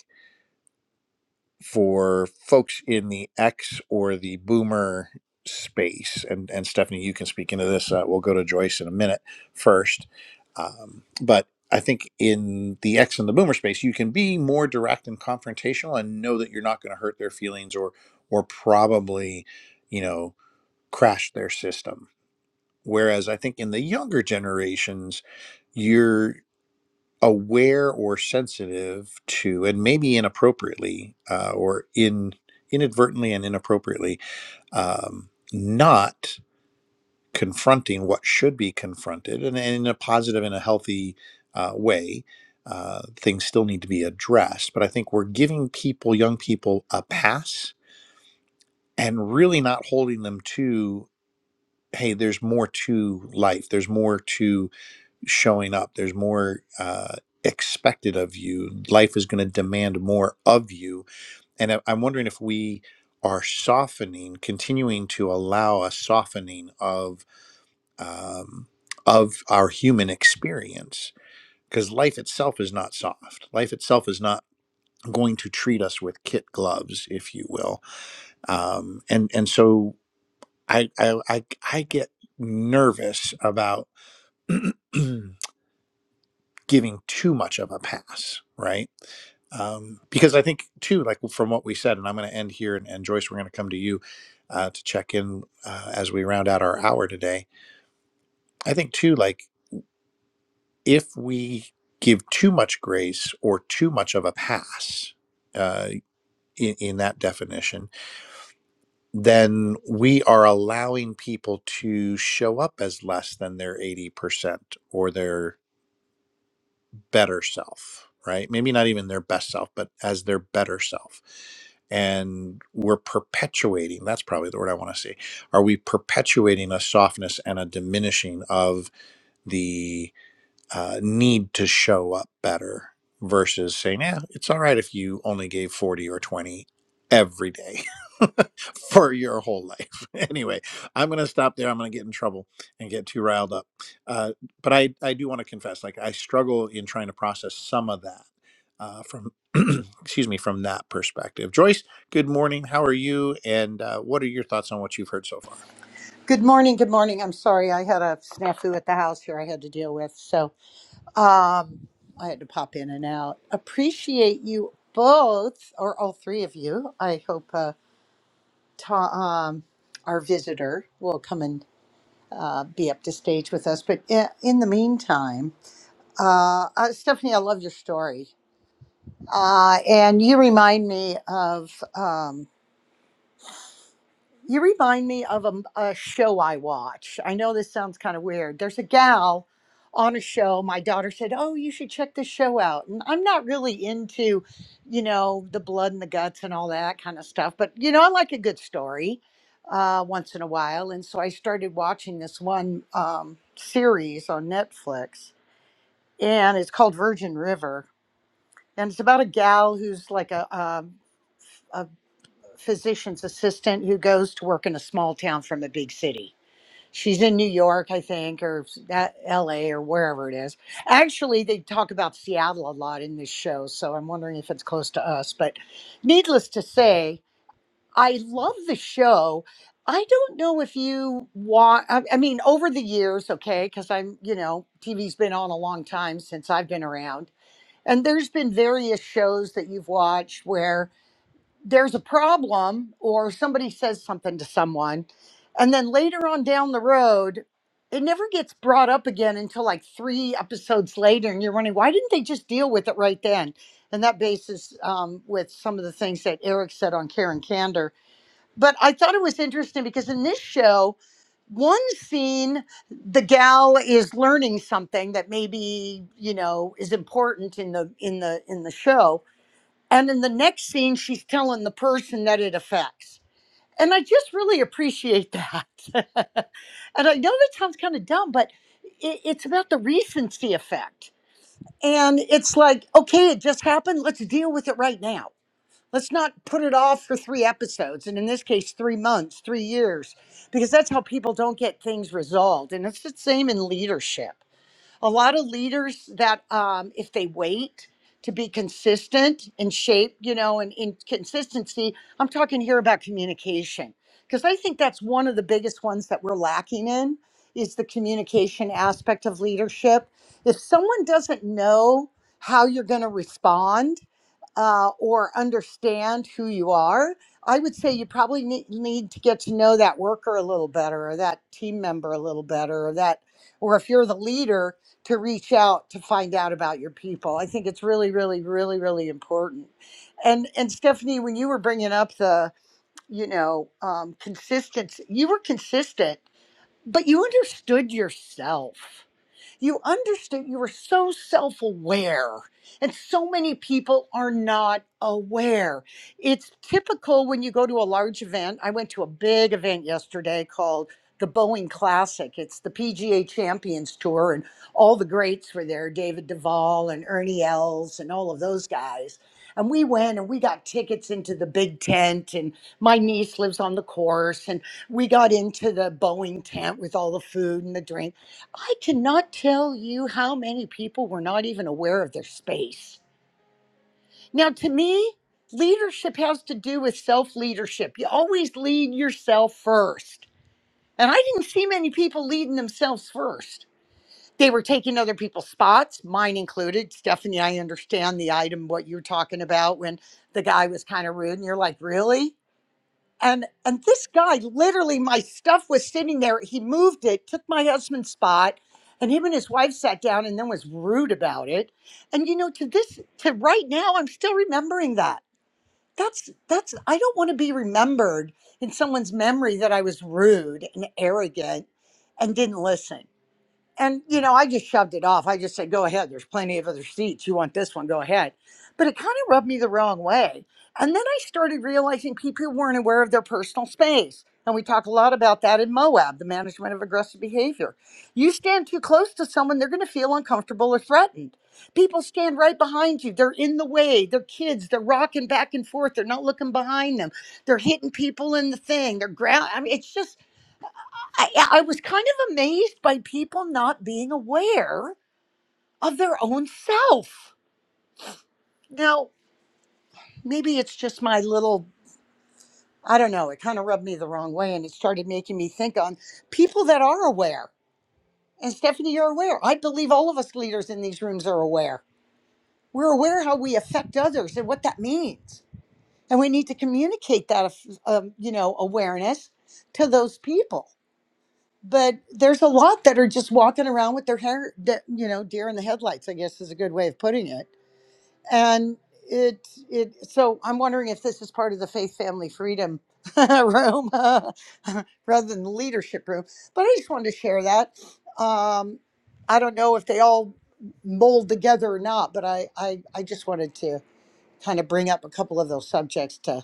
[SPEAKER 1] for folks in the X or the boomer space. And, and Stephanie, you can speak into this. Uh, we'll go to Joyce in a minute first. Um, but I think in the X and the boomer space, you can be more direct and confrontational and know that you're not going to hurt their feelings or, or probably, you know, crash their system. Whereas I think in the younger generations, you're aware or sensitive to, and maybe inappropriately uh, or in inadvertently and inappropriately, um, not confronting what should be confronted, and, and in a positive and a healthy uh, way. Uh, things still need to be addressed, but I think we're giving people, young people, a pass and really not holding them to, hey, there's more to life. There's more to showing up. There's more uh, expected of you. Life is going to demand more of you. And I- I'm wondering if we are softening, continuing to allow a softening of um, of our human experience, because life itself is not soft. Life itself is not going to treat us with kit gloves, if you will. Um, and and so I I I, I get nervous about. giving too much of a pass, right? Um, because I think too, like from what we said, and I'm going to end here, and, and Joyce, we're going to come to you uh, to check in uh, as we round out our hour today. I think too, like if we give too much grace or too much of a pass uh, in, in that definition, then we are allowing people to show up as less than their 80% or their better self, right? Maybe not even their best self, but as their better self. And we're perpetuating, that's probably the word I want to say. Are we perpetuating a softness and a diminishing of the uh, need to show up better versus saying, yeah, it's all right if you only gave 40 or 20 every day for your whole life. anyway, I'm going to stop there. I'm going to get in trouble and get too riled up. Uh, but I, I do want to confess, like I struggle in trying to process some of that uh, from, excuse me, from that perspective. Joyce, good morning. How are you? And uh, what are your thoughts on what you've heard so far?
[SPEAKER 3] Good morning. Good morning. I'm sorry. I had a snafu at the house here I had to deal with. So um, I had to pop in and out. Appreciate you both, or all three of you. I hope uh, ta- um, our visitor will come and uh, be up to stage with us. But in, in the meantime, uh, uh, Stephanie, I love your story. Uh, and you remind me of. um, You remind me of a, a show I watch. I know this sounds kind of weird. There's a gal on a show. My daughter said, Oh, you should check this show out. And I'm not really into, you know, the blood and the guts and all that kind of stuff. But, you know, I like a good story uh, once in a while. And so I started watching this one um, series on Netflix, and it's called Virgin River. And it's about a gal who's like a, a, a physician's assistant who goes to work in a small town from a big city She's in New York, I think, or that LA or wherever it is. Actually, they talk about Seattle a lot in this show, so I'm wondering if it's close to us. But needless to say, I love the show. I don't know if you want, I, I mean, over the years, okay, because I'm, you know, TV's been on a long time since I've been around. And there's been various shows that you've watched where there's a problem or somebody says something to someone and then later on down the road it never gets brought up again until like three episodes later and you're wondering why didn't they just deal with it right then and that bases um, with some of the things that eric said on karen candor but i thought it was interesting because in this show one scene the gal is learning something that maybe you know is important in the in the in the show and in the next scene, she's telling the person that it affects. And I just really appreciate that. and I know that sounds kind of dumb, but it, it's about the recency effect. And it's like, okay, it just happened. Let's deal with it right now. Let's not put it off for three episodes. And in this case, three months, three years, because that's how people don't get things resolved. And it's the same in leadership a lot of leaders that um, if they wait to be consistent in shape you know and in consistency i'm talking here about communication because i think that's one of the biggest ones that we're lacking in is the communication aspect of leadership if someone doesn't know how you're going to respond uh, or understand who you are, I would say you probably ne- need to get to know that worker a little better, or that team member a little better, or that, or if you're the leader, to reach out to find out about your people. I think it's really, really, really, really important. And and Stephanie, when you were bringing up the, you know, um, consistency, you were consistent, but you understood yourself you understood you were so self-aware and so many people are not aware it's typical when you go to a large event i went to a big event yesterday called the boeing classic it's the pga champions tour and all the greats were there david duval and ernie els and all of those guys and we went and we got tickets into the big tent and my niece lives on the course and we got into the boeing tent with all the food and the drinks I cannot tell you how many people were not even aware of their space. Now, to me, leadership has to do with self leadership. You always lead yourself first. And I didn't see many people leading themselves first. They were taking other people's spots, mine included. Stephanie, I understand the item, what you're talking about when the guy was kind of rude, and you're like, really? and and this guy literally my stuff was sitting there he moved it took my husband's spot and him and his wife sat down and then was rude about it and you know to this to right now i'm still remembering that that's that's i don't want to be remembered in someone's memory that i was rude and arrogant and didn't listen and you know i just shoved it off i just said go ahead there's plenty of other seats you want this one go ahead but it kind of rubbed me the wrong way and then i started realizing people weren't aware of their personal space and we talk a lot about that in moab the management of aggressive behavior you stand too close to someone they're going to feel uncomfortable or threatened people stand right behind you they're in the way they're kids they're rocking back and forth they're not looking behind them they're hitting people in the thing they're ground i mean it's just I, I was kind of amazed by people not being aware of their own self. Now, maybe it's just my little, I don't know, it kind of rubbed me the wrong way and it started making me think on people that are aware. And Stephanie, you're aware. I believe all of us leaders in these rooms are aware. We're aware how we affect others and what that means. And we need to communicate that, um, you know, awareness to those people but there's a lot that are just walking around with their hair that you know deer in the headlights i guess is a good way of putting it and it it so i'm wondering if this is part of the faith family freedom room rather than the leadership room but i just wanted to share that um i don't know if they all mold together or not but i i, I just wanted to kind of bring up a couple of those subjects to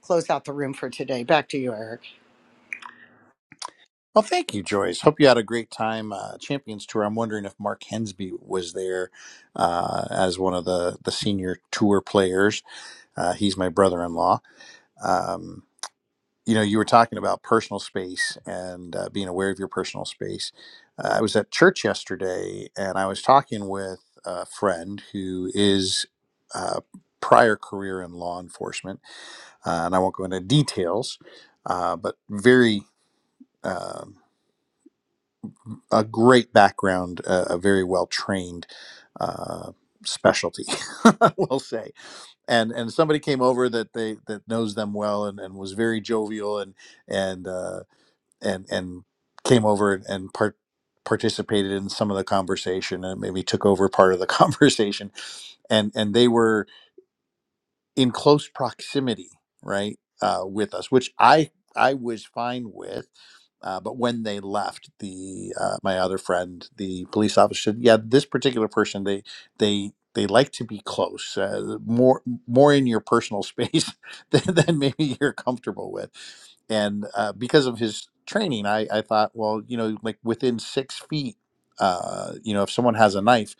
[SPEAKER 3] close out the room for today back to you eric
[SPEAKER 1] Well, thank you, Joyce. Hope you had a great time. Uh, Champions Tour. I'm wondering if Mark Hensby was there uh, as one of the, the senior tour players. Uh, he's my brother in law. Um, you know, you were talking about personal space and uh, being aware of your personal space. Uh, I was at church yesterday and I was talking with a friend who is uh, prior career in law enforcement. Uh, and I won't go into details, uh, but very. um a great background, a, a very well trained uh, specialty, we'll say. And and somebody came over that they that knows them well and, and was very jovial and and uh, and and came over and, and part participated in some of the conversation and maybe took over part of the conversation and and they were in close proximity, right, uh, with us, which I I was fine with. Uh, but when they left, the uh, my other friend, the police officer, said, "Yeah, this particular person, they they they like to be close, uh, more more in your personal space than, than maybe you're comfortable with." And uh, because of his training, I I thought, well, you know, like within six feet, uh, you know, if someone has a knife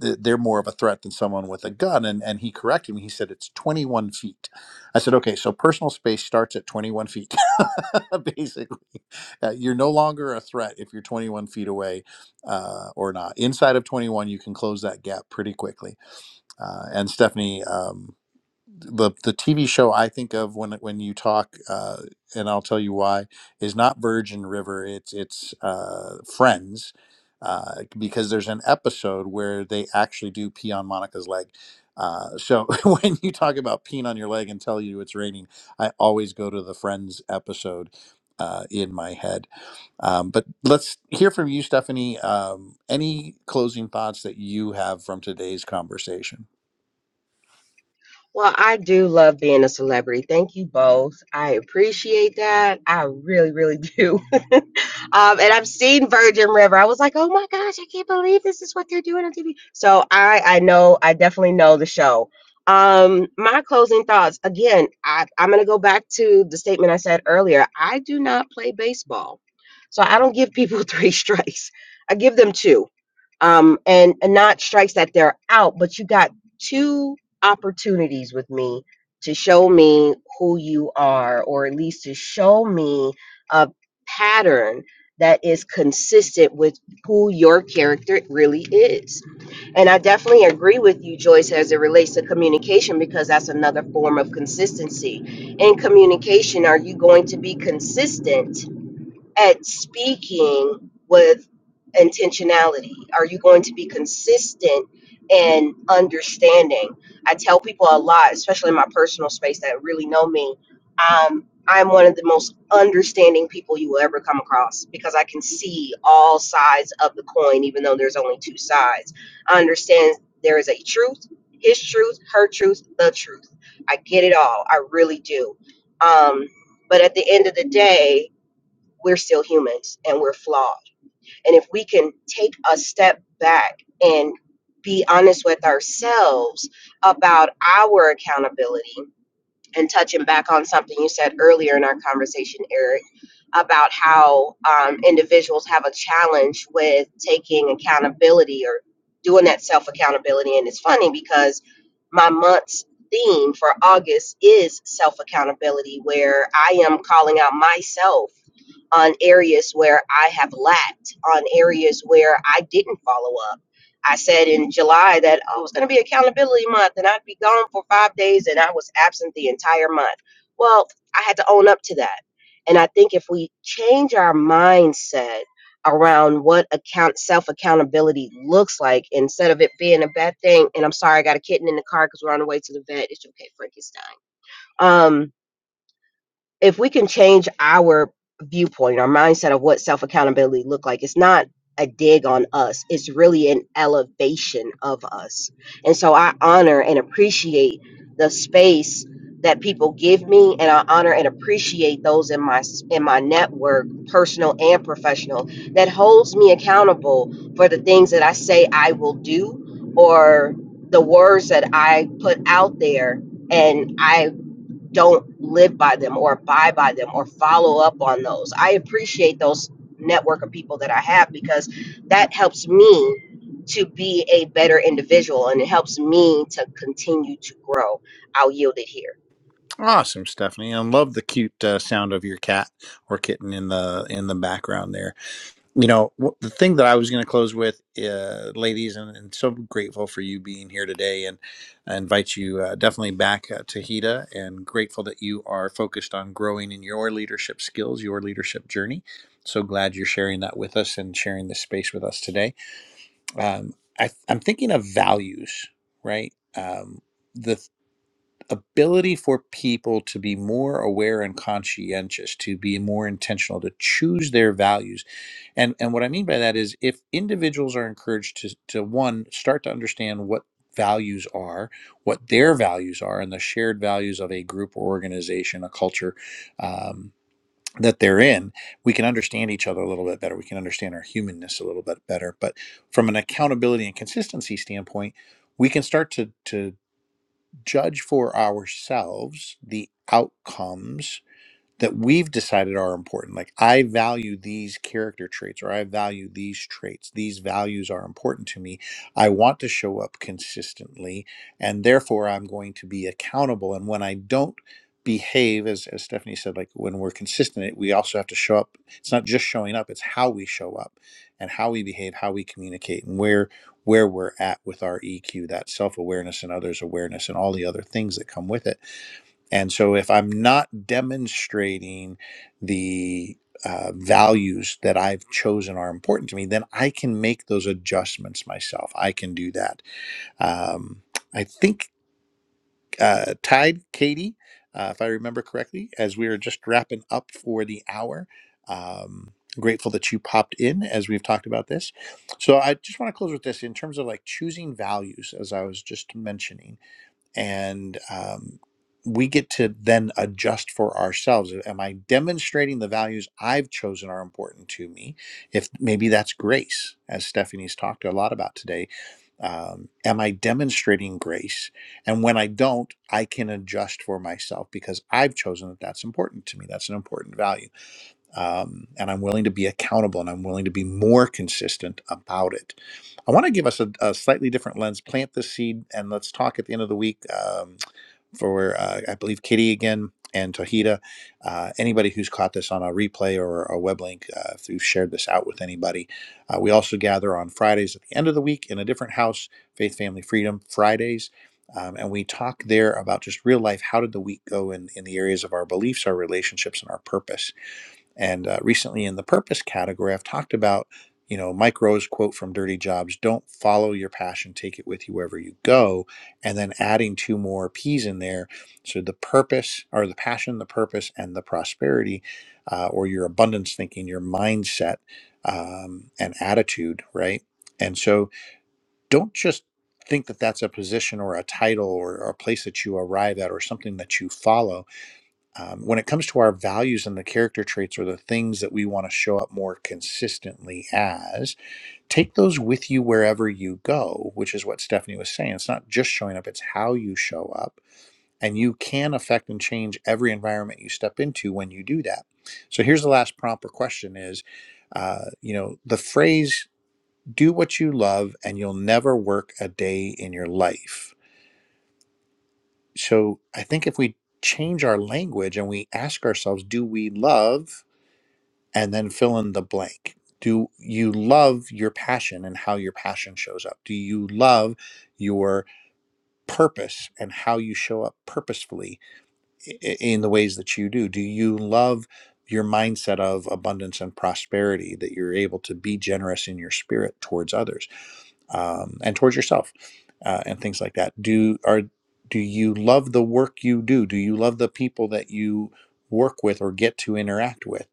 [SPEAKER 1] th- they're more of a threat than someone with a gun. And, and he corrected me. He said it's 21 feet. I said, okay, so personal space starts at 21 feet. Basically, uh, you're no longer a threat if you're 21 feet away uh, or not. Inside of 21, you can close that gap pretty quickly. Uh, and Stephanie, um, the the TV show I think of when when you talk, uh, and I'll tell you why, is not Virgin River. It's it's uh, Friends, uh, because there's an episode where they actually do pee on Monica's leg. Uh, so when you talk about peeing on your leg and tell you it's raining, I always go to the Friends episode. Uh, in my head, um, but let's hear from you, Stephanie. Um, any closing thoughts that you have from today's conversation?
[SPEAKER 2] Well, I do love being a celebrity. Thank you both. I appreciate that. I really, really do. um, and I've seen Virgin River. I was like, oh my gosh, I can't believe this is what they're doing on TV. So I, I know, I definitely know the show. Um, my closing thoughts. Again, I, I'm going to go back to the statement I said earlier. I do not play baseball, so I don't give people three strikes. I give them two, um, and, and not strikes that they're out, but you got two opportunities with me to show me who you are, or at least to show me a pattern that is consistent with who your character really is. And I definitely agree with you, Joyce, as it relates to communication, because that's another form of consistency. In communication, are you going to be consistent at speaking with intentionality? Are you going to be consistent and understanding? I tell people a lot, especially in my personal space that really know me. Um, I'm one of the most understanding people you will ever come across because I can see all sides of the coin, even though there's only two sides. I understand there is a truth, his truth, her truth, the truth. I get it all. I really do. Um, but at the end of the day, we're still humans and we're flawed. And if we can take a step back and be honest with ourselves about our accountability and touching back on something you said earlier in our conversation, Eric, about how um, individuals have a challenge with taking accountability or doing that self accountability. And it's funny because my month's theme for August is self accountability, where I am calling out myself on areas where I have lacked, on areas where I didn't follow up I said in July that oh, it's going to be accountability month and I'd be gone for five days and I was absent the entire month. Well, I had to own up to that. And I think if we change our mindset around what account self accountability looks like instead of it being a bad thing, and I'm sorry, I got a kitten in the car because we're on the way to the vet. It's okay, Frankenstein. Um, if we can change our viewpoint, our mindset of what self accountability look like, it's not a dig on us. It's really an elevation of us. And so I honor and appreciate the space that people give me and I honor and appreciate those in my in my network, personal and professional, that holds me accountable for the things that I say I will do or the words that I put out there and I don't live by them or abide by them or follow up on those. I appreciate those network of people that I have because that helps me to be a better individual and it helps me to continue to grow. I'll yield it here.
[SPEAKER 1] Awesome, Stephanie. I love the cute uh, sound of your cat or kitten in the in the background there. You know, wh- the thing that I was going to close with, uh, ladies, and, and so grateful for you being here today. And I invite you uh, definitely back uh, to HEDA and grateful that you are focused on growing in your leadership skills, your leadership journey. So glad you're sharing that with us and sharing this space with us today. Um, I, I'm thinking of values, right? Um, the ability for people to be more aware and conscientious to be more intentional to choose their values and and what i mean by that is if individuals are encouraged to to one start to understand what values are what their values are and the shared values of a group or organization a culture um, that they're in we can understand each other a little bit better we can understand our humanness a little bit better but from an accountability and consistency standpoint we can start to to judge for ourselves the outcomes that we've decided are important. Like, I value these character traits, or I value these traits. These values are important to me. I want to show up consistently, and therefore I'm going to be accountable. And when I don't behave, as, as Stephanie said, like when we're consistent, it- we also have to show up. It's not just showing up, it's how we show up and how we behave, how we communicate, and where where we're at with our EQ, that self-awareness and others awareness and all the other things that come with it and so, if I'm not demonstrating the uh, values that I've chosen are important to me, then I can make those adjustments myself. I can do that. Um, I think uh, Tide, Katie, uh, if I remember correctly, as we were just wrapping up for the hour, um, grateful that you popped in as we've talked about this. So, I just want to close with this in terms of like choosing values, as I was just mentioning and um, we get to then adjust for ourselves am i demonstrating the values i've chosen are important to me if maybe that's grace as stephanie's talked a lot about today um, am i demonstrating grace and when i don't i can adjust for myself because i've chosen that that's important to me that's an important value um, and I'm willing to be accountable and I'm willing to be more consistent about it. I want to give us a, a slightly different lens, plant the seed, and let's talk at the end of the week um, for, uh, I believe, Kitty again and Tahita. Uh, anybody who's caught this on a replay or a web link, uh, if you've shared this out with anybody. Uh, we also gather on Fridays at the end of the week in a different house, Faith, Family, Freedom Fridays. Um, and we talk there about just real life. How did the week go in, in the areas of our beliefs, our relationships, and our purpose? And uh, recently in the purpose category, I've talked about, you know, Mike Rowe's quote from Dirty Jobs don't follow your passion, take it with you wherever you go. And then adding two more P's in there. So the purpose or the passion, the purpose, and the prosperity uh, or your abundance thinking, your mindset um, and attitude, right? And so don't just think that that's a position or a title or, or a place that you arrive at or something that you follow um, when it comes to our values and the character traits or the things that we want to show up more consistently as, take those with you wherever you go, which is what Stephanie was saying. It's not just showing up, it's how you show up. And you can affect and change every environment you step into when you do that. So here's the last prompt or question is, uh, you know, the phrase, do what you love and you'll never work a day in your life. So I think if we change our language and we ask ourselves, do we love? and then fill in the blank. Do you love your passion and how your passion shows up? Do you love your purpose and how you show up purposefully i- i- in the ways that you do? Do you love your mindset of abundance and prosperity that you're able to be generous in your spirit towards others? um, and towards yourself uh, and things like that do are do you love the work you do do you love the people that you work with or get to interact with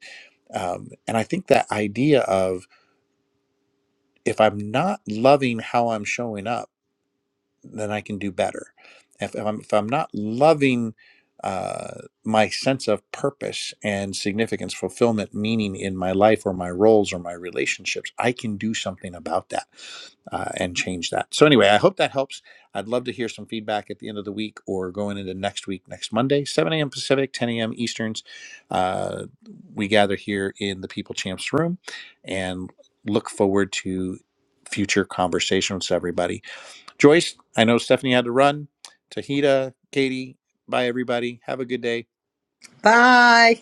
[SPEAKER 1] um, and i think that idea of if i'm not loving how i'm showing up then I can do better. If, if I'm if I'm not loving uh, my sense of purpose and significance, fulfillment, meaning in my life or my roles or my relationships, I can do something about that uh, and change that. So anyway, I hope that helps. I'd love to hear some feedback at the end of the week or going into next week, next Monday, 7 a.m. Pacific, 10 a.m. Easterns. Uh, we gather here in the People Champs room and look forward to future conversations with everybody Joyce, I know Stephanie had to run. Tahita, Katie, bye everybody. Have a good day.
[SPEAKER 3] Bye.